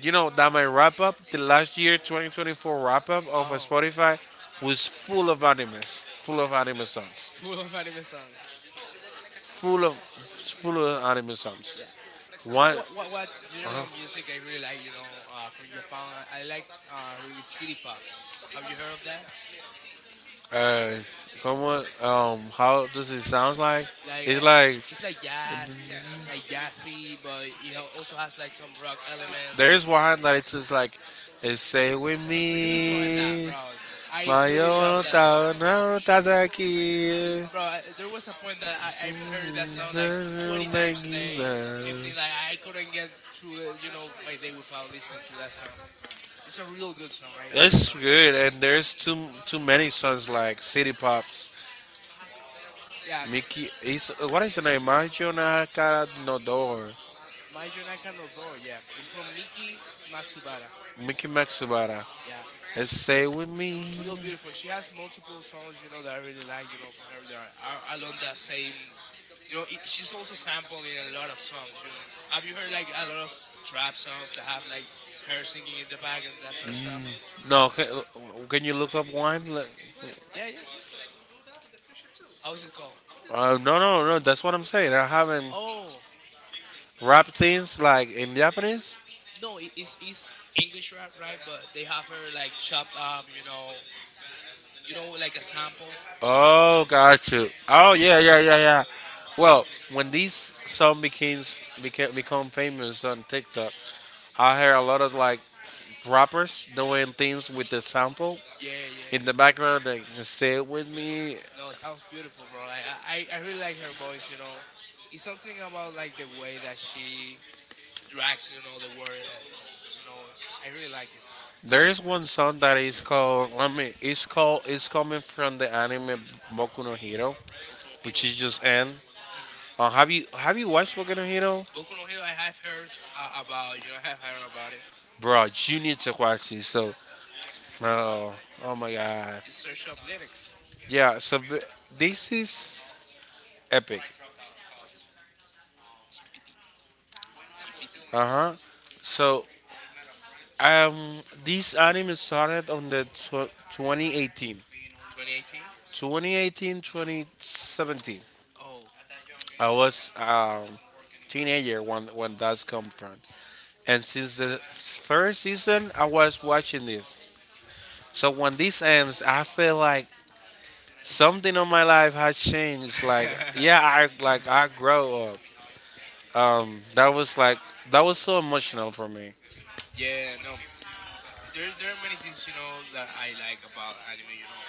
Speaker 1: You know that my wrap up, the last year twenty twenty-four wrap up of a
Speaker 2: Oh,
Speaker 1: Spotify was full of animes, full of anime songs,
Speaker 2: full of anime songs.
Speaker 1: full of full of anime
Speaker 2: Yeah.
Speaker 1: songs.
Speaker 2: You know
Speaker 1: One,
Speaker 2: what, what what
Speaker 1: uh,
Speaker 2: general music I really like? You know, uh, from Japan, I like uh, really city pop. Have you heard of that?
Speaker 1: uh, come on, um, how does it sound like?
Speaker 2: Like
Speaker 1: It's
Speaker 2: I,
Speaker 1: like,
Speaker 2: it's like jazz, like jazzy, but it al- also has like some rock elements.
Speaker 1: there's one that it's just like, it's say with
Speaker 2: This one, that
Speaker 1: me,
Speaker 2: bro, I
Speaker 1: my
Speaker 2: really love
Speaker 1: own
Speaker 2: that song,
Speaker 1: town, no
Speaker 2: L-
Speaker 1: tataki.
Speaker 2: bro. I- There was a point that I, I've heard that song like twenty times a day, fifteen. Like I couldn't get through, the, you know, my day without listening to that song. It's a real good song. I, I really
Speaker 1: It's
Speaker 2: love
Speaker 1: good,
Speaker 2: it.
Speaker 1: and there's too too many songs like City Pops,
Speaker 2: Yeah,
Speaker 1: Mickey. Is what is the name? Macho na cara no door,
Speaker 2: My Jonaka no Door, yeah. It's from Miki Matsubara.
Speaker 1: Mickey Maxubara.
Speaker 2: Yeah.
Speaker 1: It's say with
Speaker 2: Real
Speaker 1: me.
Speaker 2: beautiful. She has multiple songs, you know, that I really like, you know, from her that are along that same you know, it, she's also sampling a lot of songs, you know. Have you heard like a lot of trap songs that have like her singing in the back and that sort of stuff?
Speaker 1: No, can, can you look up one? Like-
Speaker 2: Yeah, yeah. How is it called?
Speaker 1: Uh, no, no, no. That's what I'm saying. I haven't
Speaker 2: Oh,
Speaker 1: rap things like in Japanese.
Speaker 2: no, it, it's it's English rap, right? But they have her like chopped up, you know, you know, like a sample.
Speaker 1: Oh, got you. Oh, yeah, yeah, yeah, yeah. Well, when these song became became become famous on TikTok, I hear a lot of like rappers doing things with the sample
Speaker 2: Yeah, yeah.
Speaker 1: in the background and say it with me.
Speaker 2: No, it sounds beautiful, bro. Like I, I I really like her voice. You know, it's something about like the way that she drags. You know, the word. Uh, you know, I really like it.
Speaker 1: There is one song that is called. Let me. It's called. It's coming from the anime Boku no Hero,
Speaker 2: Boku no
Speaker 1: which
Speaker 2: Hero.
Speaker 1: is just end.
Speaker 2: Hmm.
Speaker 1: Uh, have you have you watched Boku no Hero,
Speaker 2: Boku no Hero. I have heard uh, about. You know, I have heard about it.
Speaker 1: bro? You need to watch this. So, oh, oh my god.
Speaker 2: You search up lyrics.
Speaker 1: Yeah, so th- this is epic.
Speaker 2: G P T. G P T.
Speaker 1: Uh huh. So um, this anime started on the tw- twenty eighteen,
Speaker 2: twenty eighteen.
Speaker 1: twenty eighteen, twenty seventeen.
Speaker 2: Oh.
Speaker 1: I was um teenager when when that's come from, and since the first season, I was watching this. So when this ends, I feel like something on my life has changed. Like yeah, I like I grow up. Um, that was like that was so emotional for me.
Speaker 2: yeah. No. There there are many things you know that I like about anime. You know,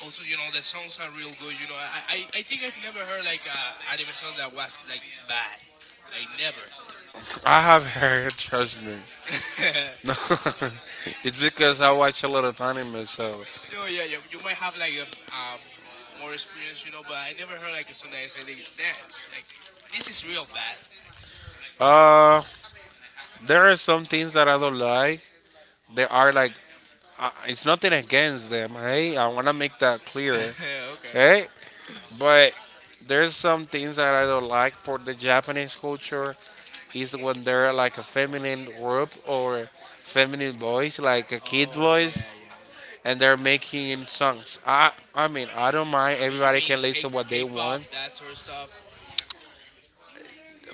Speaker 2: also, you know, the songs are real good. You know, I I, I think I've never heard like a anime song that was like bad, like never.
Speaker 1: I have heard, trust me. No, it's because I watch a lot of anime. So,
Speaker 2: no, yeah, yeah. You might have like a um more experience, you know, but I never heard like a song that I say like, that like this is real bad.
Speaker 1: uh, there are some things that I don't like. They are like, uh, it's nothing against them. Hey, I want to make that clear.
Speaker 2: Like, okay.
Speaker 1: Hey, but there's some things that I don't like for the Japanese culture. Is when they're like a feminine group or feminine voice, like a kid
Speaker 2: Oh yeah,
Speaker 1: voice,
Speaker 2: yeah, yeah.
Speaker 1: and they're making songs. I I mean, I don't mind.
Speaker 2: I mean, you
Speaker 1: Everybody can
Speaker 2: mean K-
Speaker 1: listen what they
Speaker 2: K-pop,
Speaker 1: want.
Speaker 2: that sort of stuff.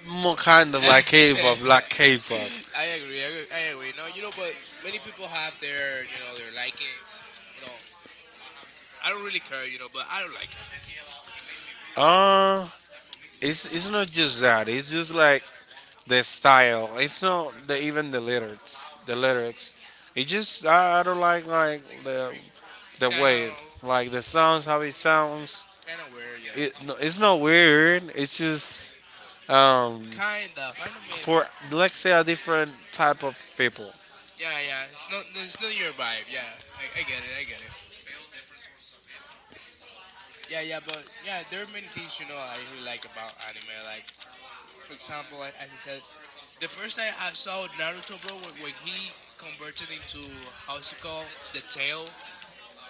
Speaker 1: More kind of
Speaker 2: I
Speaker 1: like K-pop, like
Speaker 2: agree.
Speaker 1: K-pop.
Speaker 2: I agree. I agree. No, you know, but many people have their, you know, their likings. You know, I don't really care, you know, but I don't like it.
Speaker 1: Uh, it's it's not just that. It's just like the style. It's not the, even the lyrics. The lyrics. It just I, I don't like like the
Speaker 2: It's
Speaker 1: the
Speaker 2: kind
Speaker 1: way
Speaker 2: of
Speaker 1: like the sounds how it sounds.
Speaker 2: kind of weird, yeah.
Speaker 1: Yeah. It no, it's not weird. It's just um
Speaker 2: Kind of. I don't mean.
Speaker 1: for, let's say, a different type of people.
Speaker 2: Yeah, yeah. It's not. No, it's not your vibe. Yeah, I, I get it. I get it. Yeah, yeah. But yeah, there are many things you know I really like about anime. Like, for example, like, as I said, the first time I saw Naruto, bro, when, when he converted into how's it called the tail,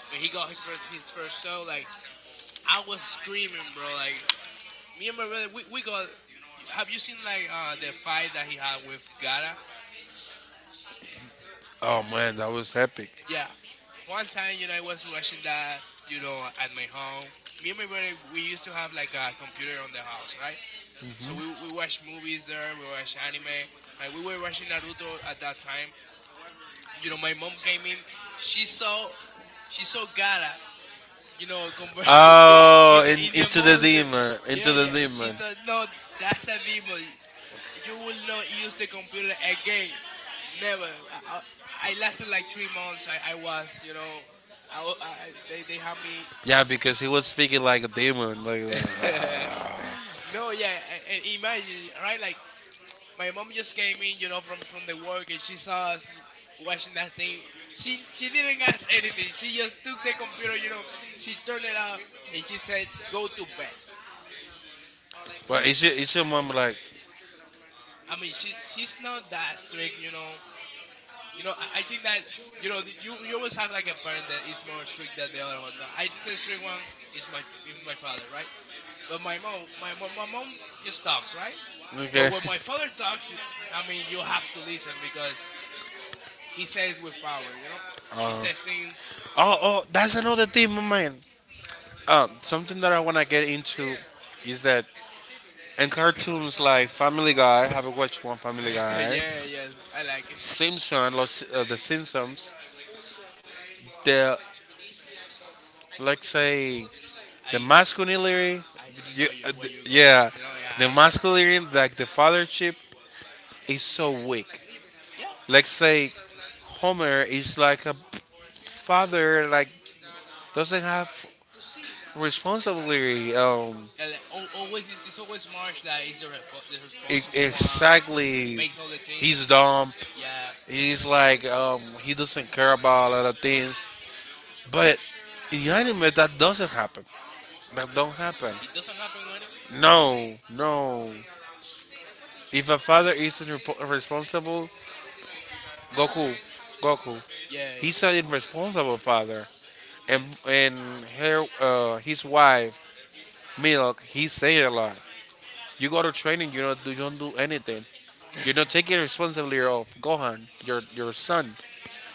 Speaker 2: when he got his first, his first tail, like I was screaming, bro. Like me and my brother, we, we got. Have you seen like uh the fight that he had with Gara? Yeah.
Speaker 1: Oh man, that was epic.
Speaker 2: Yeah. One time, you know, I was watching that, you know, at my home. Me and my brother, we used to have like a computer on the house, right? So we we watched movies there. We watched anime. Like we were watching Naruto at that time. You know, my mom came in. She saw she saw Gara, you know, convert
Speaker 1: Oh,
Speaker 2: in
Speaker 1: in,
Speaker 2: the in the
Speaker 1: into the
Speaker 2: monster.
Speaker 1: demon, into
Speaker 2: Yeah,
Speaker 1: the
Speaker 2: yeah. She
Speaker 1: demon.
Speaker 2: thought, no, that's a demon. You will not use the computer again. Never. I, I, I lasted like three months. I, I was, you know, I, wa- I- they, they had me.
Speaker 1: Yeah, because he was speaking like a demon, like that.
Speaker 2: No, yeah. And imagine, right? Like, my mom just came in, you know, from, from the work, and she saw us watching that thing. She, she didn't ask anything. She just took the computer, you know, she turned it up and she said, go to bed.
Speaker 1: but
Speaker 2: We,
Speaker 1: it's your, it's your mom, like,
Speaker 2: I mean, she, she's not that strict, you know. You know, I, I think that you know th- you you always have like a parent that is more strict than the other one. No, I think the strict one is my f- is my father, right? But my mom, my my my mom just talks, right? But
Speaker 1: okay.
Speaker 2: when my father talks, I mean, you have to listen because he says with power, you know.
Speaker 1: Uh,
Speaker 2: He says things.
Speaker 1: oh, oh, that's another thing, my man. Uh, something that I wanna get into is that, in cartoons like Family Guy, have you watched one Family Guy?
Speaker 2: Yeah, yes, I like it.
Speaker 1: Simpson, Los, uh, the Simpsons, the, like say, the
Speaker 2: I, I
Speaker 1: masculinity,
Speaker 2: I see
Speaker 1: y-
Speaker 2: where
Speaker 1: uh,
Speaker 2: you where
Speaker 1: th-
Speaker 2: you're going.
Speaker 1: yeah,
Speaker 2: You know, yeah,
Speaker 1: the
Speaker 2: I get it.
Speaker 1: masculinity, like, the fathership is so weak.
Speaker 2: Yeah,
Speaker 1: Like say, Homer is like a father like doesn't have responsibility, um
Speaker 2: yeah, like, al- always it's, it's always Marsh that is the, repo the
Speaker 1: e-
Speaker 2: responsible one,
Speaker 1: exactly,
Speaker 2: makes all the things.
Speaker 1: he's dumb.
Speaker 2: Yeah,
Speaker 1: He's like um he doesn't care about a lot of things, but in anime that doesn't happen. That don't happen.
Speaker 2: it doesn't happen in anime.
Speaker 1: No, no. If a father isn't repo responsible, Goku, Goku.
Speaker 2: Yeah,
Speaker 1: He's an irresponsible father, and
Speaker 2: yeah.
Speaker 1: and her, uh, his wife, Milk. He say a lot. You go to training, you know, you don't do anything.
Speaker 2: Yes.
Speaker 1: You're not taking responsibility of Gohan, your your son.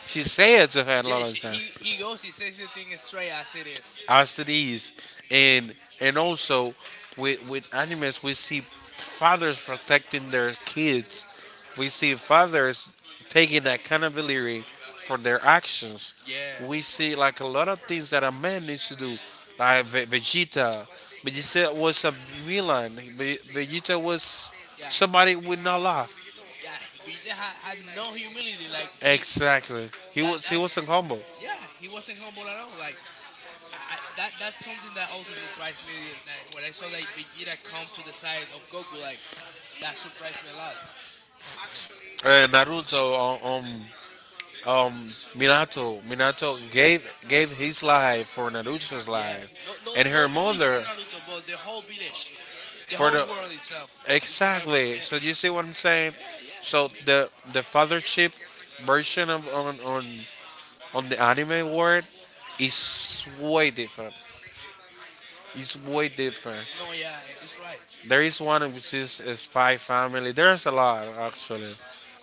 Speaker 1: She say it to her a
Speaker 2: Yeah,
Speaker 1: lot of time,
Speaker 2: he he goes. He says the thing straight as it is.
Speaker 1: as it is, and and also, with with animes we see fathers protecting their kids, we see fathers taking accountability for their actions.
Speaker 2: Yeah.
Speaker 1: We see like a lot of things that a man needs to do, like Ve- Vegeta. Vegeta was a villain. Ve- Vegeta was
Speaker 2: Yeah.
Speaker 1: somebody with no love.
Speaker 2: Yeah. He just had, had no humility. Like he
Speaker 1: Exactly. He
Speaker 2: that
Speaker 1: was he wasn't
Speaker 2: that's
Speaker 1: humble.
Speaker 2: yeah. He wasn't humble at all. Like. I, I, that that's something that also surprised me that night when I saw like Vegeta come to the side of Goku, like that surprised me a lot.
Speaker 1: Uh, Naruto, on, on um, Minato, Minato gave gave his life for Naruto's
Speaker 2: Yeah,
Speaker 1: life,
Speaker 2: not not
Speaker 1: and her
Speaker 2: not only for
Speaker 1: mother
Speaker 2: Naruto but the whole village, the
Speaker 1: for
Speaker 2: whole
Speaker 1: the
Speaker 2: world itself. It's gonna
Speaker 1: exactly.
Speaker 2: yeah
Speaker 1: So you
Speaker 2: it-
Speaker 1: see what I'm saying?
Speaker 2: yeah yeah.
Speaker 1: So the the fathership version of on on on the anime world is way different. It's way different.
Speaker 2: No yeah, it's right.
Speaker 1: There is one which is Spy Family. There's a lot actually.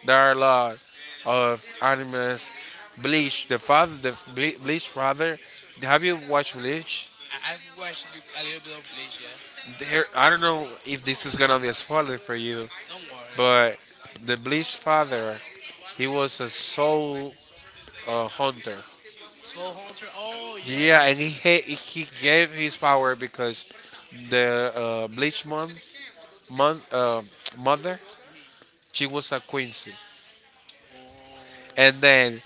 Speaker 1: There are a lot of animes. Bleach, the father, the Ble- Bleach father. Have you watched Bleach?
Speaker 2: I, I've watched li- a little bit of Bleach, yeah.
Speaker 1: There, I don't know if this is gonna be a spoiler for you,
Speaker 2: Don't worry, don't worry.
Speaker 1: but the Bleach father, he was a soul uh, hunter.
Speaker 2: Soul Hunter. Oh yeah,
Speaker 1: Yeah,
Speaker 2: yeah.
Speaker 1: and he ha- he gave his power because the uh, Bleach month, month uh, mother,
Speaker 2: Hmm.
Speaker 1: she was a Quincy,
Speaker 2: Oh,
Speaker 1: and then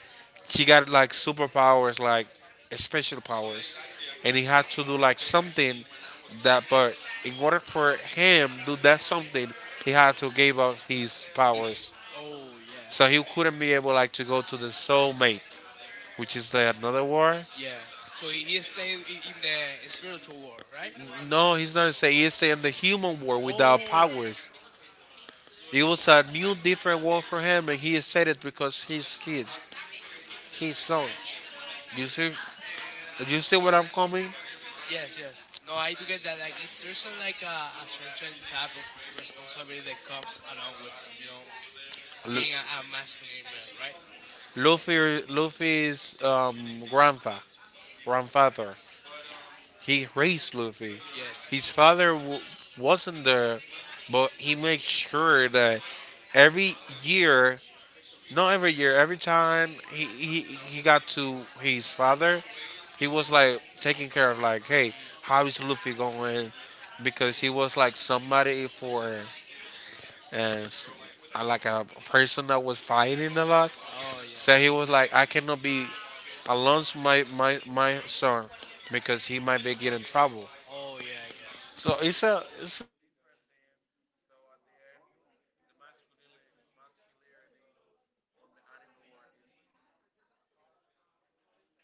Speaker 1: she got like superpowers, like special powers, and he had to do like something that. But in order for him do that something, he had to give up his
Speaker 2: he's.
Speaker 1: powers,
Speaker 2: Oh yeah,
Speaker 1: so he couldn't be able like to go to the soulmate, which is the another war.
Speaker 2: yeah. So he, he stayed i- in the spiritual world, right?
Speaker 1: No, he's not saying, he's saying the human war without
Speaker 2: Oh,
Speaker 1: powers. It was a new, different world for him, and he said it because his kid, his son. You see, you see what I'm coming?
Speaker 2: yes, yes. No, I do get that. Like it, there's a, like a, a certain type of responsibility that comes along with uh, you know,
Speaker 1: L-
Speaker 2: being a, a masculine man, right? No. Mhm.
Speaker 1: Luffy, Luffy's um, grandpa, grandfather, he raised Luffy.
Speaker 2: Yes.
Speaker 1: His father w- wasn't there, but he made sure that every year, not every year, every time he, he, he got to his father, he was like taking care of like, hey,
Speaker 2: Mhm.
Speaker 1: how is Luffy going? Because he was like somebody for and uh, like a person that was fighting a lot.
Speaker 2: Oh yeah.
Speaker 1: So he was like, I cannot be I launched my, my, my son, because he might be getting in trouble.
Speaker 2: Oh yeah, I get it.
Speaker 1: So it's a it's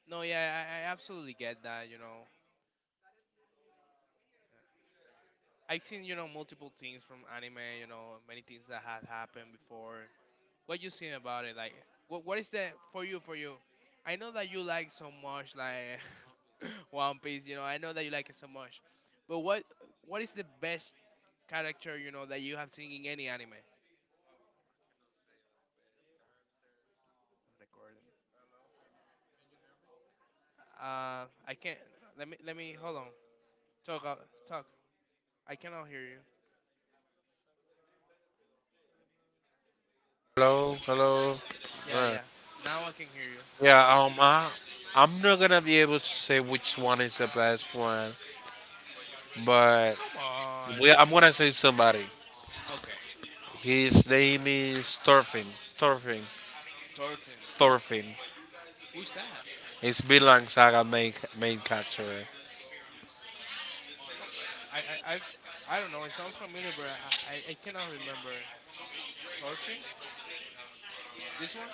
Speaker 2: No, yeah, I, I absolutely get that. You know, I've seen, you know, multiple things from anime. You know, many things that had happened before. What you seen about it? Like, what what is the for you? For you, I know that you like so much like One Piece. You know, I know that you like it so much. But what what is the best character, you know, that you have seen in any anime? Recording. Uh, I can't. Let me let me hold on. Talk uh, talk. I cannot hear you.
Speaker 1: Hello, hello.
Speaker 2: Yeah,
Speaker 1: Uh,
Speaker 2: yeah. Now I can hear you.
Speaker 1: yeah, um, I, I'm not gonna be able to say which one is the best one, but
Speaker 2: Come on.
Speaker 1: we, I'm gonna say somebody.
Speaker 2: Okay.
Speaker 1: His name is Thorfinn. Thorfinn.
Speaker 2: Thorfinn.
Speaker 1: Thorfinn.
Speaker 2: Who's that?
Speaker 1: It's Bilang Saga main main character.
Speaker 2: Come, I, I, I've, I don't know. It sounds familiar, but I, I, I cannot remember. Thorfinn? This one?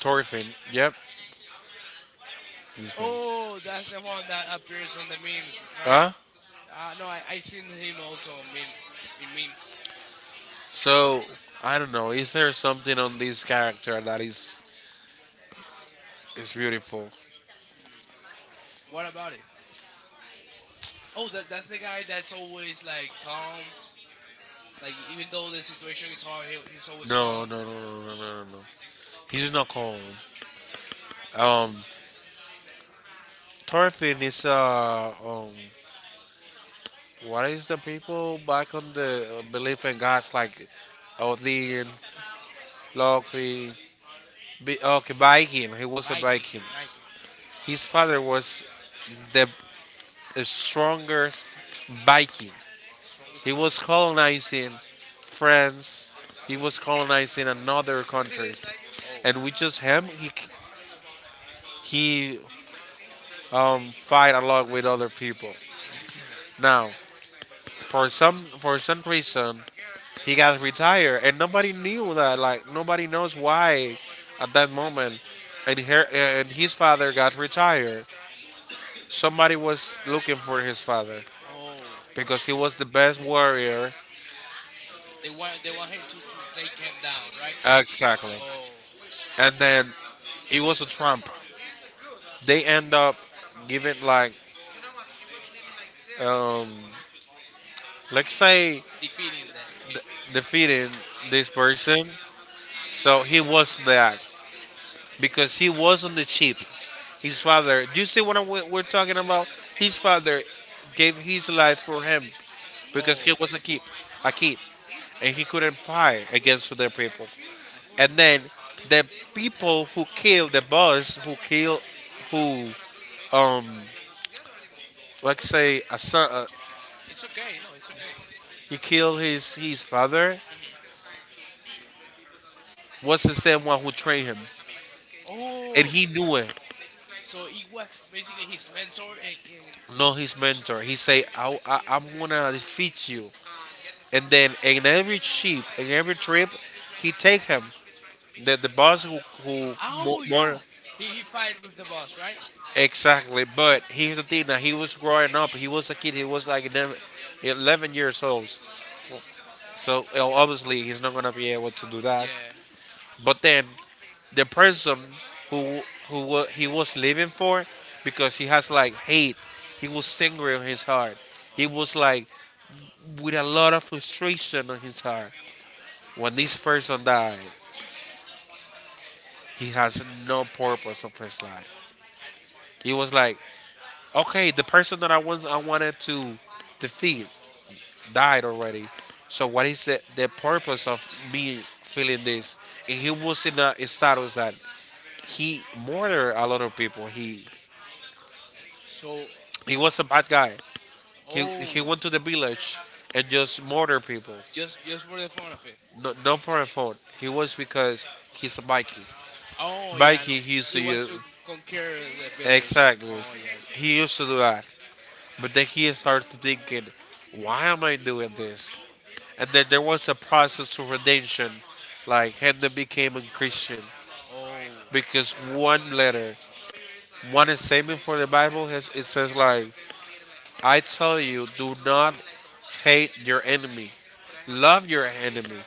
Speaker 1: Thorfinn. Yep, this one.
Speaker 2: Oh, that's the one that appears on the memes, right?
Speaker 1: Huh?
Speaker 2: Uh, no, I, I seen him also on memes. In memes.
Speaker 1: So I don't know. Is there something on this character that is is beautiful?
Speaker 2: Hmm. What about it? Oh, that, that's the guy that's always like calm. Like even though the situation is hard, he, he's always
Speaker 1: No,
Speaker 2: calm.
Speaker 1: no, no, no, no, no, no, no. He's not calm. Um, Thorfinn is uh um what is the people back on the uh, belief in gods like Odin, Loki, B- okay, Viking. He was a
Speaker 2: Viking,
Speaker 1: Viking.
Speaker 2: Viking,
Speaker 1: His father was the, the strongest Viking.
Speaker 2: strongest
Speaker 1: He
Speaker 2: Viking.
Speaker 1: was colonizing France. He was colonizing another countries,
Speaker 2: Oh.
Speaker 1: and with just him, he he um fight a lot with other people. Now, for some for some reason, he got retired, and nobody knew that. Like, nobody knows why, at that moment, and her and his father got retired. Somebody was looking for his father
Speaker 2: Oh.
Speaker 1: because he was the best warrior.
Speaker 2: They want they want him to, to take him down, right?
Speaker 1: Exactly,
Speaker 2: Or
Speaker 1: and then he was a trump. They end up giving like, um, let's say,
Speaker 2: defeating the, him.
Speaker 1: defeating this person. So he was the act, because he wasn't the cheap. His father, do you see what I'm, we're talking about? His father gave his life for him because he
Speaker 2: Oh,
Speaker 1: was a kid, a kid, and he couldn't fight against other people.
Speaker 2: I see.
Speaker 1: And then the people who killed the boss, who killed, who um, let's say, a son, uh,
Speaker 2: It's okay. No, it's okay.
Speaker 1: he killed his his father,
Speaker 2: Hmm.
Speaker 1: was the same one who trained him, and
Speaker 2: Oh,
Speaker 1: he knew it.
Speaker 2: so it was basically his mentor in, in
Speaker 1: No, his mentor. He say, I, I, "I'm gonna defeat you." And then in every sheep, in every trip, he take him the the boss, who who mo-
Speaker 2: oh
Speaker 1: more,
Speaker 2: yeah, he he fight with the boss, right?
Speaker 1: exactly. But here's the thing: that he was growing up. He was a kid. He was like 11 eleven years old. So uh, obviously he's not gonna be able to do that.
Speaker 2: Yeah.
Speaker 1: But then the person who who wa- he was living for, because he has like hate. He was angry in his heart. He
Speaker 2: Oh,
Speaker 1: was like with a lot of frustration in his heart. When this person died, he has no purpose of his life. He was like, okay, the person that I was I wanted to defeat died already. So what is the, the purpose of me feeling this? And he was in a status that he murdered a lot of people. He
Speaker 2: so
Speaker 1: he
Speaker 2: uh,
Speaker 1: was a bad guy. He he
Speaker 2: oh,
Speaker 1: went to the village and just murdered people.
Speaker 2: just just for the fun of it.
Speaker 1: No, not for a phone. He was because he's a Viking.
Speaker 2: Oh yeah, no,
Speaker 1: Viking, he used to
Speaker 2: he was
Speaker 1: use,
Speaker 2: to conquer the village.
Speaker 1: exactly.
Speaker 2: Oh yeah. I see.
Speaker 1: He used to do that. But then he started thinking, why am I doing this? And then there was a process of redemption. Like Hannah became a Christian,
Speaker 2: Oh.
Speaker 1: because one letter, one statement for the Bible has, it says like, "I tell you, do not hate your enemy,
Speaker 2: Mhm.
Speaker 1: love your enemy."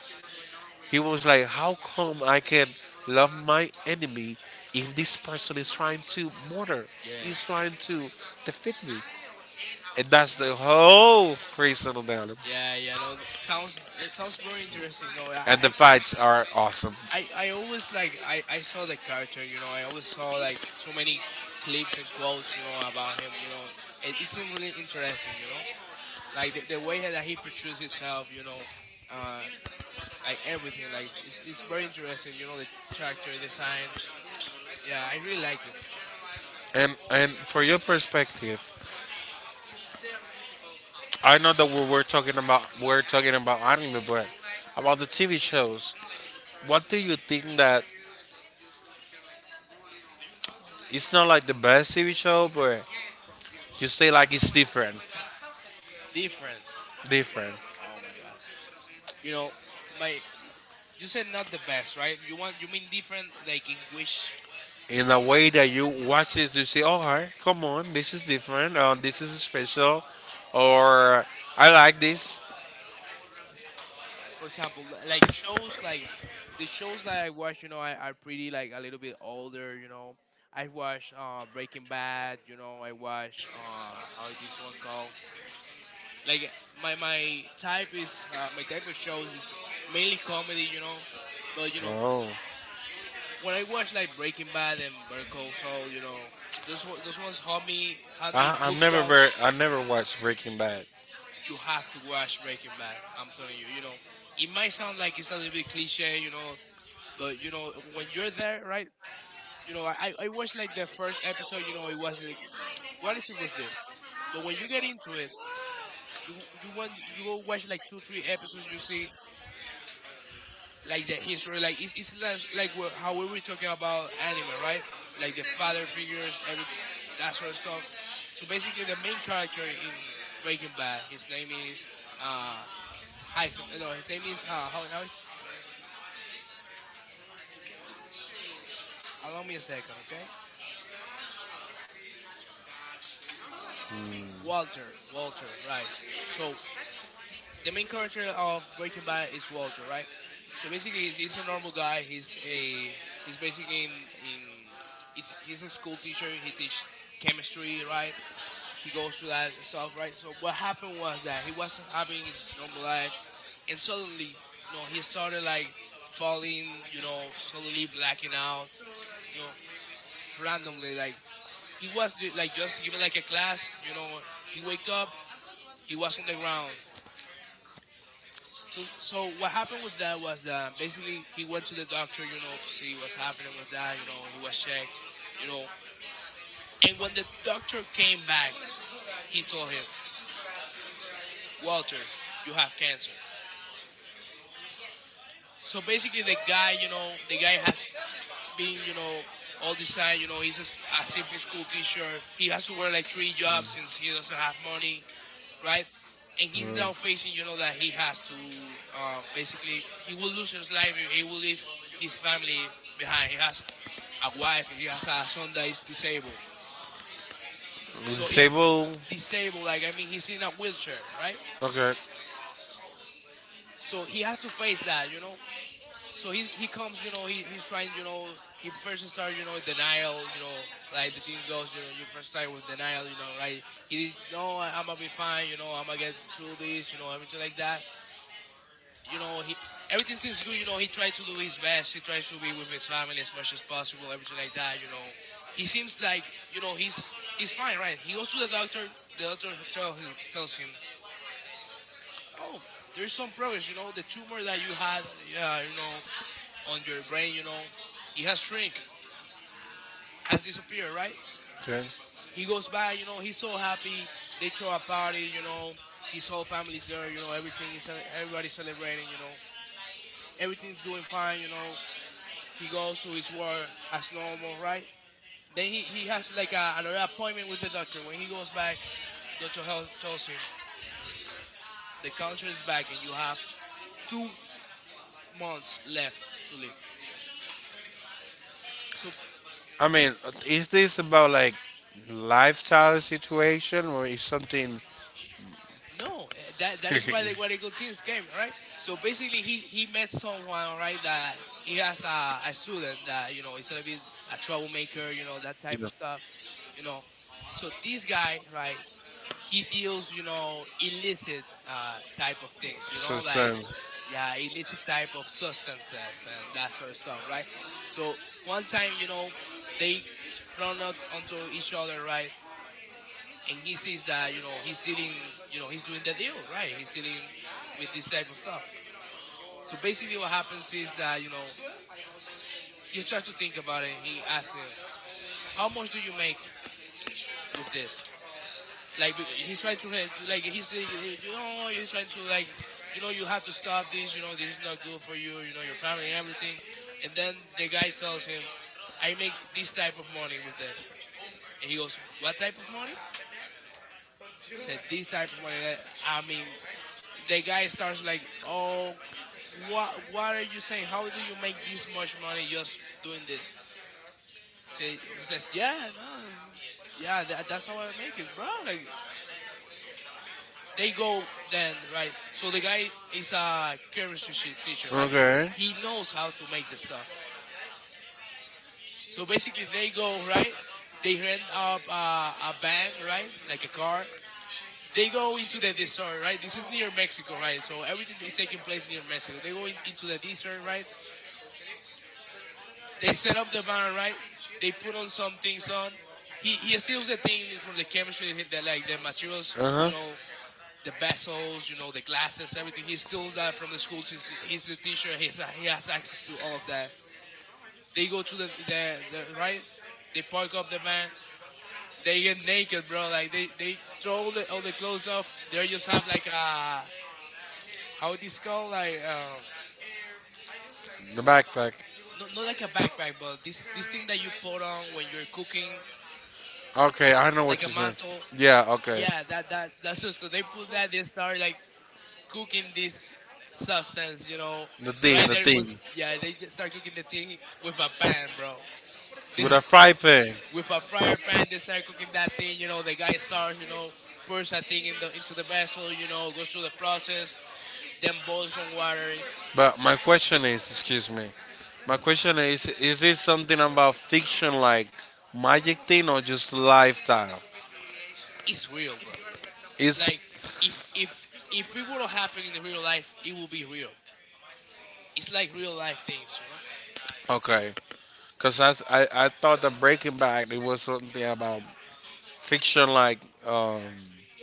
Speaker 1: He was like, "How come I can love my enemy if this person is trying to murder,
Speaker 2: Yes.
Speaker 1: is trying to defeat me?" And that's the whole reason of the album.
Speaker 2: Yeah, yeah, no, that sounds it sounds very interesting. No,
Speaker 1: And the
Speaker 2: I
Speaker 1: fights are awesome.
Speaker 2: I, I I always like I, I saw the character, you know, I always saw like so many clips and quotes, you know, about him, you know. It, it seemed really interesting, you know. Like the, the way that he portrays himself, you know, uh, like everything, like it's it's very interesting, you know, the character design. Yeah, I really like it.
Speaker 1: And and for your perspective, I know that we we're talking about we're talking about anime, but about the T V shows, what do you think that it's not like the best T V show, but you say like it's different,
Speaker 2: Different.
Speaker 1: different
Speaker 2: Oh my god. You know, my you said not the best, right? You want you mean different, like in which,
Speaker 1: in a way that you watch this, you say, "Oh, hi, come on, this is different, uh, this is special," or "I like this."
Speaker 2: for example, li- like shows like the shows that I watch, you know, I are pretty like a little bit older, you know. I watch uh, Breaking Bad, you know. I watch uh, how is this one called? Like my my type is uh, my type of shows is mainly comedy, you know. But you know
Speaker 1: Oh,
Speaker 2: when I watch like Breaking Bad and Better Call Saul, you know, those one- those ones had me had me
Speaker 1: I
Speaker 2: hooked
Speaker 1: never
Speaker 2: up.
Speaker 1: ver- I never watched Breaking Bad.
Speaker 2: You have to watch Breaking Bad. I'm telling you, you know, it might sound like it's a little bit cliche, you know, but you know, when you're there, right? You know, I I watched like the first episode. You know, it was like, what is it with this? But when you get into it, you you want you go watch like two three episodes. You see like the history, like it's it's less like wha- how we were talking about anime, right? Like the father figures, everything, that sort of stuff. So basically, the main character in Breaking Bad, his name is uh, Heisen. No, his name is uh, how, how is? Allow me a second, okay? Uh, Walter. Walter, right? So the main character of Breaking Bad is Walter, right? So basically, he's, he's a normal guy. He's a he's basically in in he's, he's a school teacher. He teach chemistry, right? He goes through that stuff, right? So what happened was that he was having his normal life, and suddenly, you know, he started like falling, you know, slowly blacking out, you know, randomly, like he was the, like just giving like a class, you know. He waked up, he was on the ground. So, so what happened with that was that basically he went to the doctor, you know, to see what's happening with that. You know, he was checked, you know. And when the doctor came back, he told him, Walter, you have cancer. So basically, the guy, you know, the guy has been, you know, all this time, you know, he's a, s- a simple school teacher. He has to work like three jobs since he doesn't have money. Right? And he's now facing, you know, that he has to um, basically he will lose his life. He will leave his family behind. He has a wife. He has a son that is disabled. So he's
Speaker 1: Sable.
Speaker 2: disabled. Like I mean, he's in a wheelchair, right?
Speaker 1: Okay.
Speaker 2: So he has to face that, you know. So he he comes, you know, he, he's trying, you know, he first starts, you know, denial, you know, like the thing goes, you know, you first start with denial, you know, right? He is no, I'm gonna be fine, you know, I'm gonna get through this, you know, everything like that. You know, he everything seems good. You know, he tried to do his best. He tries to be with his family as much as possible. Everything like that. You know, he seems like, you know, he's he's fine, right? He goes to the doctor. The doctor tells tells him, "Oh, there's some progress. You know, the tumor that you had, uh, you know, on your brain, you know, it has shrink, has disappeared, right?"
Speaker 1: Okay.
Speaker 2: He goes by. You know, he's so happy. They throw a party. You know, his whole family's there. You know, everything is everybody's celebrating. You know, everything's doing fine. You know, he goes to his work as normal, right? Then he, he has like a another appointment with the doctor. When he goes back, doctor Hell tells him the counselor is back and you have two months left to live. So
Speaker 1: I mean, is this about like lifestyle situation or is something?
Speaker 2: no,
Speaker 1: No,
Speaker 2: eh, that that is why they why the good things came, right? So basically, he he met someone, right? That he has a, a student that, you know, is a little bit a troublemaker, you know, that type of
Speaker 1: that.
Speaker 2: stuff, you know. So this guy, right? He deals, you know, illicit uh, type of things, you know, like yeah, illicit type of substances and that sort of stuff, right? So one time, you know, they run out onto each other, right? And he sees that, you know, he's dealing, you know, he's doing the deal, right? He's dealing with this type of stuff. So basically, what happens is that, you know, he starts to think about it. He asks him, "How much do you make with this?" Like b- he's trying to re- like he's like, eh, you know, he's trying to, like, you know, you have to stop this, you know, this is not good for you, you know, your family and everything. And then the guy tells him, "I make this type of money with this." And he goes, "What type of money?" Said, "This type of money that I mean." The guy starts like, "Oh, what what are you saying? How do you make this much money just doing this?" Say He says, "Yeah, no, yeah, that, that's how I make it, bro." Like they go then, right? So the guy is a chemistry shi- teacher, right? He knows how to make the stuff. So basically they go, right? They rent up a, a van, right? Like a car. They go into the desert, right? This is near Mexico, right? So everything is taking place near Mexico. They go in, into the desert, right? They set up the van, right? They put on some things on. He, he steals the thing from the chemistry, the, like the materials, you know, the vessels, you know, the glasses, everything. He steals that from the school. He's, he's the teacher. He's, he has access to all of that. They go to the, the, the right. They park up the van. They get naked, bro. Like they, they throw all the, all the clothes off. They just have like a, how it is called, like, um
Speaker 1: The backpack.
Speaker 2: not, not like a backpack, but this this thing that you put on when you're cooking,
Speaker 1: Okay, I know.
Speaker 2: like a mantle.
Speaker 1: Yeah. Okay.
Speaker 2: Yeah, that that that's just, they put that. They start like cooking this substance, you know,
Speaker 1: Know.
Speaker 2: right there with,
Speaker 1: The.
Speaker 2: yeah, they just start cooking the thing with a pan, bro.
Speaker 1: They.
Speaker 2: This-
Speaker 1: With this, a fry pan.
Speaker 2: with a fryer pan, they start cooking that thing. You know, the guy starts, you know, pours that thing in the into the vessel. You know, goes through the process, then boils some water. You know,
Speaker 1: But my question is, excuse me. My question is, is this something about fiction, like magic thing, or just lifestyle?
Speaker 2: it's real, bro.
Speaker 1: Is
Speaker 2: Like, if if if it would have happened in the real life, it would be real. It's like real life things, you know.
Speaker 1: okay. Cause I, I I thought the Breaking Bad it was something about fiction, like um,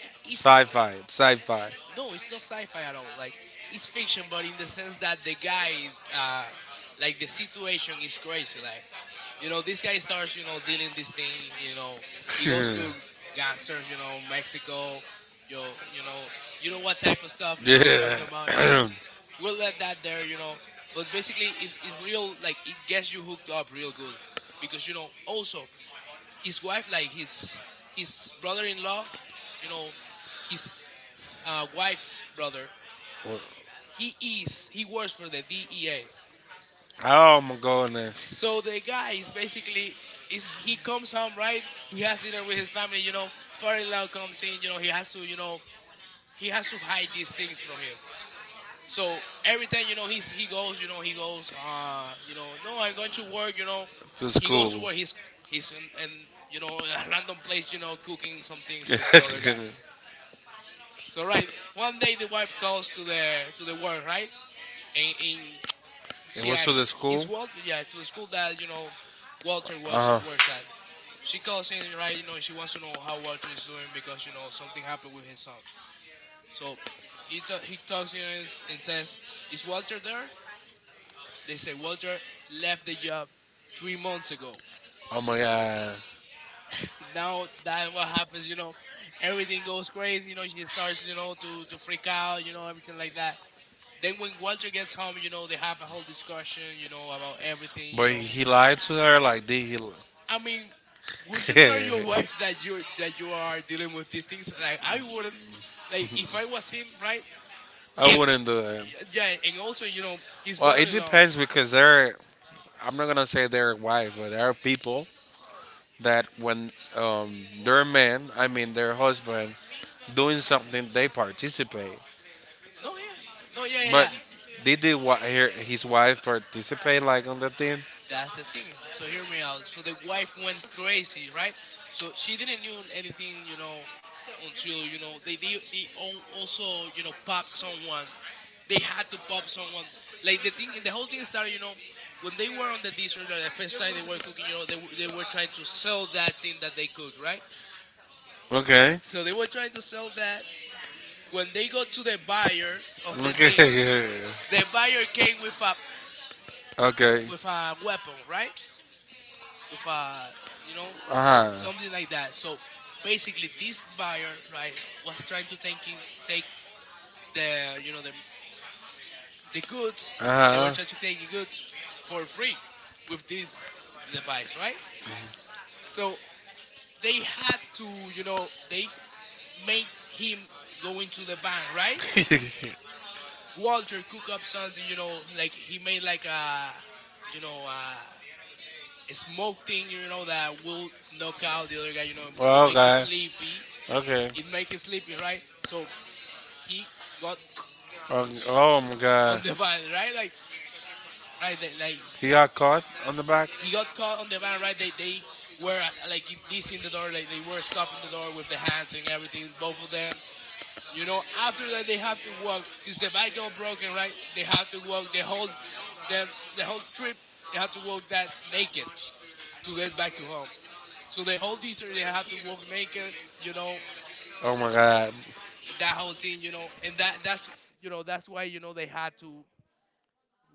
Speaker 2: It-
Speaker 1: it's
Speaker 2: It's
Speaker 1: sci-fi, sci-fi. No.
Speaker 2: no, it's not sci-fi at all. Like, it's fiction, but in the sense that the guy, uh, like, the situation is crazy. Like, you know, this guy starts, you know, dealing this thing. You know, he goes to gangsters, you know, Mexico. Yo, you know, you know what type of stuff, you
Speaker 1: You know.
Speaker 2: know, I'm talking about. You know,
Speaker 1: Yeah.
Speaker 2: we'll let that there. You know, but basically, it's it's real. Like, it gets you hooked up real good, because, you know, also his wife, like his his brother-in-law. You know, his, uh, wife's brother, he is he works for the D E A.
Speaker 1: Oh my goodness.
Speaker 2: So the guy is basically is, he comes home, right? He has dinner with his family. You know, Fairy Loud comes in. You know, he has to, you know, he has to hide these things from him. So every time, you know, he's he goes, you know, he goes, uh you know, "No, I'm going to work," you know.
Speaker 1: To
Speaker 2: He goes to
Speaker 1: school.
Speaker 2: work. He's he's in, in, you know, in a random place, you know, cooking some things with the other guy.
Speaker 1: Know.
Speaker 2: So right, one day, the wife calls to the to the work, right? And, and she asks, "Is Walter?" Yeah, to the school that, you know, Walter works
Speaker 1: Uh-huh.
Speaker 2: works at. She calls in, right? You know, she wants to know how Walter is doing because, you know, something happened with his son. So he ta he talks in and and says, "Is Walter there?" They say Walter left the job three months ago.
Speaker 1: Oh my god.
Speaker 2: Now that's what happens. You know, everything goes crazy. You know, she starts, you know, to to freak out. You know, everything like that. Then when Walter gets home, you know, they have a whole discussion, you know, about everything, you
Speaker 1: But
Speaker 2: know.
Speaker 1: he lied to her, like, did he? Would
Speaker 2: I mean, would you tell your wife that you that you are dealing with these things? Like, I wouldn't. Like, if I was him, right?
Speaker 1: I
Speaker 2: It,
Speaker 1: wouldn't do that.
Speaker 2: yeah, and also, you know, his brother-in-law.
Speaker 1: Because there. I'm not gonna say they're wife, but there are people that when um, their man, I mean their husband, doing something, they participate.
Speaker 2: No, yeah, no, yeah, yeah,
Speaker 1: But
Speaker 2: yeah.
Speaker 1: did the, wi- her, his wife participate like on the team?
Speaker 2: That's the thing. So hear me out. So the wife went crazy, right? So she didn't knew anything, you know, until, you know, they they, they al- also, you know, popped someone. They had to pop someone. Like, the thing, the whole thing started, you know, when they were on the desert, like the first time they were cooking, you know, they were- they were trying to sell that thing that they cooked, right?
Speaker 1: Okay.
Speaker 2: So they were trying to sell that. When they got to the buyer of the thing,
Speaker 1: Okay.
Speaker 2: the buyer came with a,
Speaker 1: okay.
Speaker 2: with a weapon, right? With a, you know,
Speaker 1: Uh huh.
Speaker 2: something like that. So basically, this buyer, right, was trying to take in, take the, you know, the the goods. They were trying to take the goods for free with this device, right? So they had to, you know, they make him go into the bank, right?
Speaker 1: Huh.
Speaker 2: Walter cook up something, you know, like he made like a, you know, a, a smoke thing, you know, that will knock out the other guy, you know, will make it sleepy.
Speaker 1: Okay.
Speaker 2: It make it sleepy, right? So he got
Speaker 1: He got. Oh, oh my on god.
Speaker 2: on the van, right? Like, right, that- like
Speaker 1: He got caught on the back?
Speaker 2: he got caught on the van, right? They they were uh, like this in the door, like they were stopping the door with the hands and everything, both of them. You know, after that they have to walk. Since the bike got broken, right? They have to walk the whole, the the whole trip. They have to walk that naked to get back to home. So the whole desert they have to walk naked. You know,
Speaker 1: Oh my god.
Speaker 2: and that whole thing. You know, and that that's you know, that's why, you know, they had to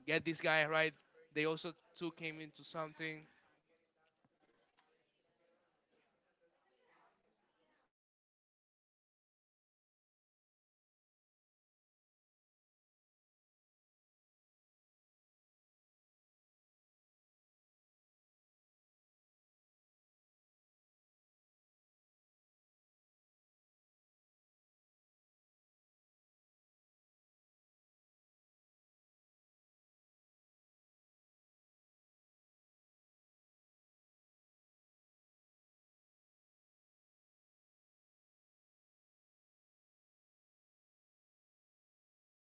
Speaker 2: get this guy, right? They also took him into something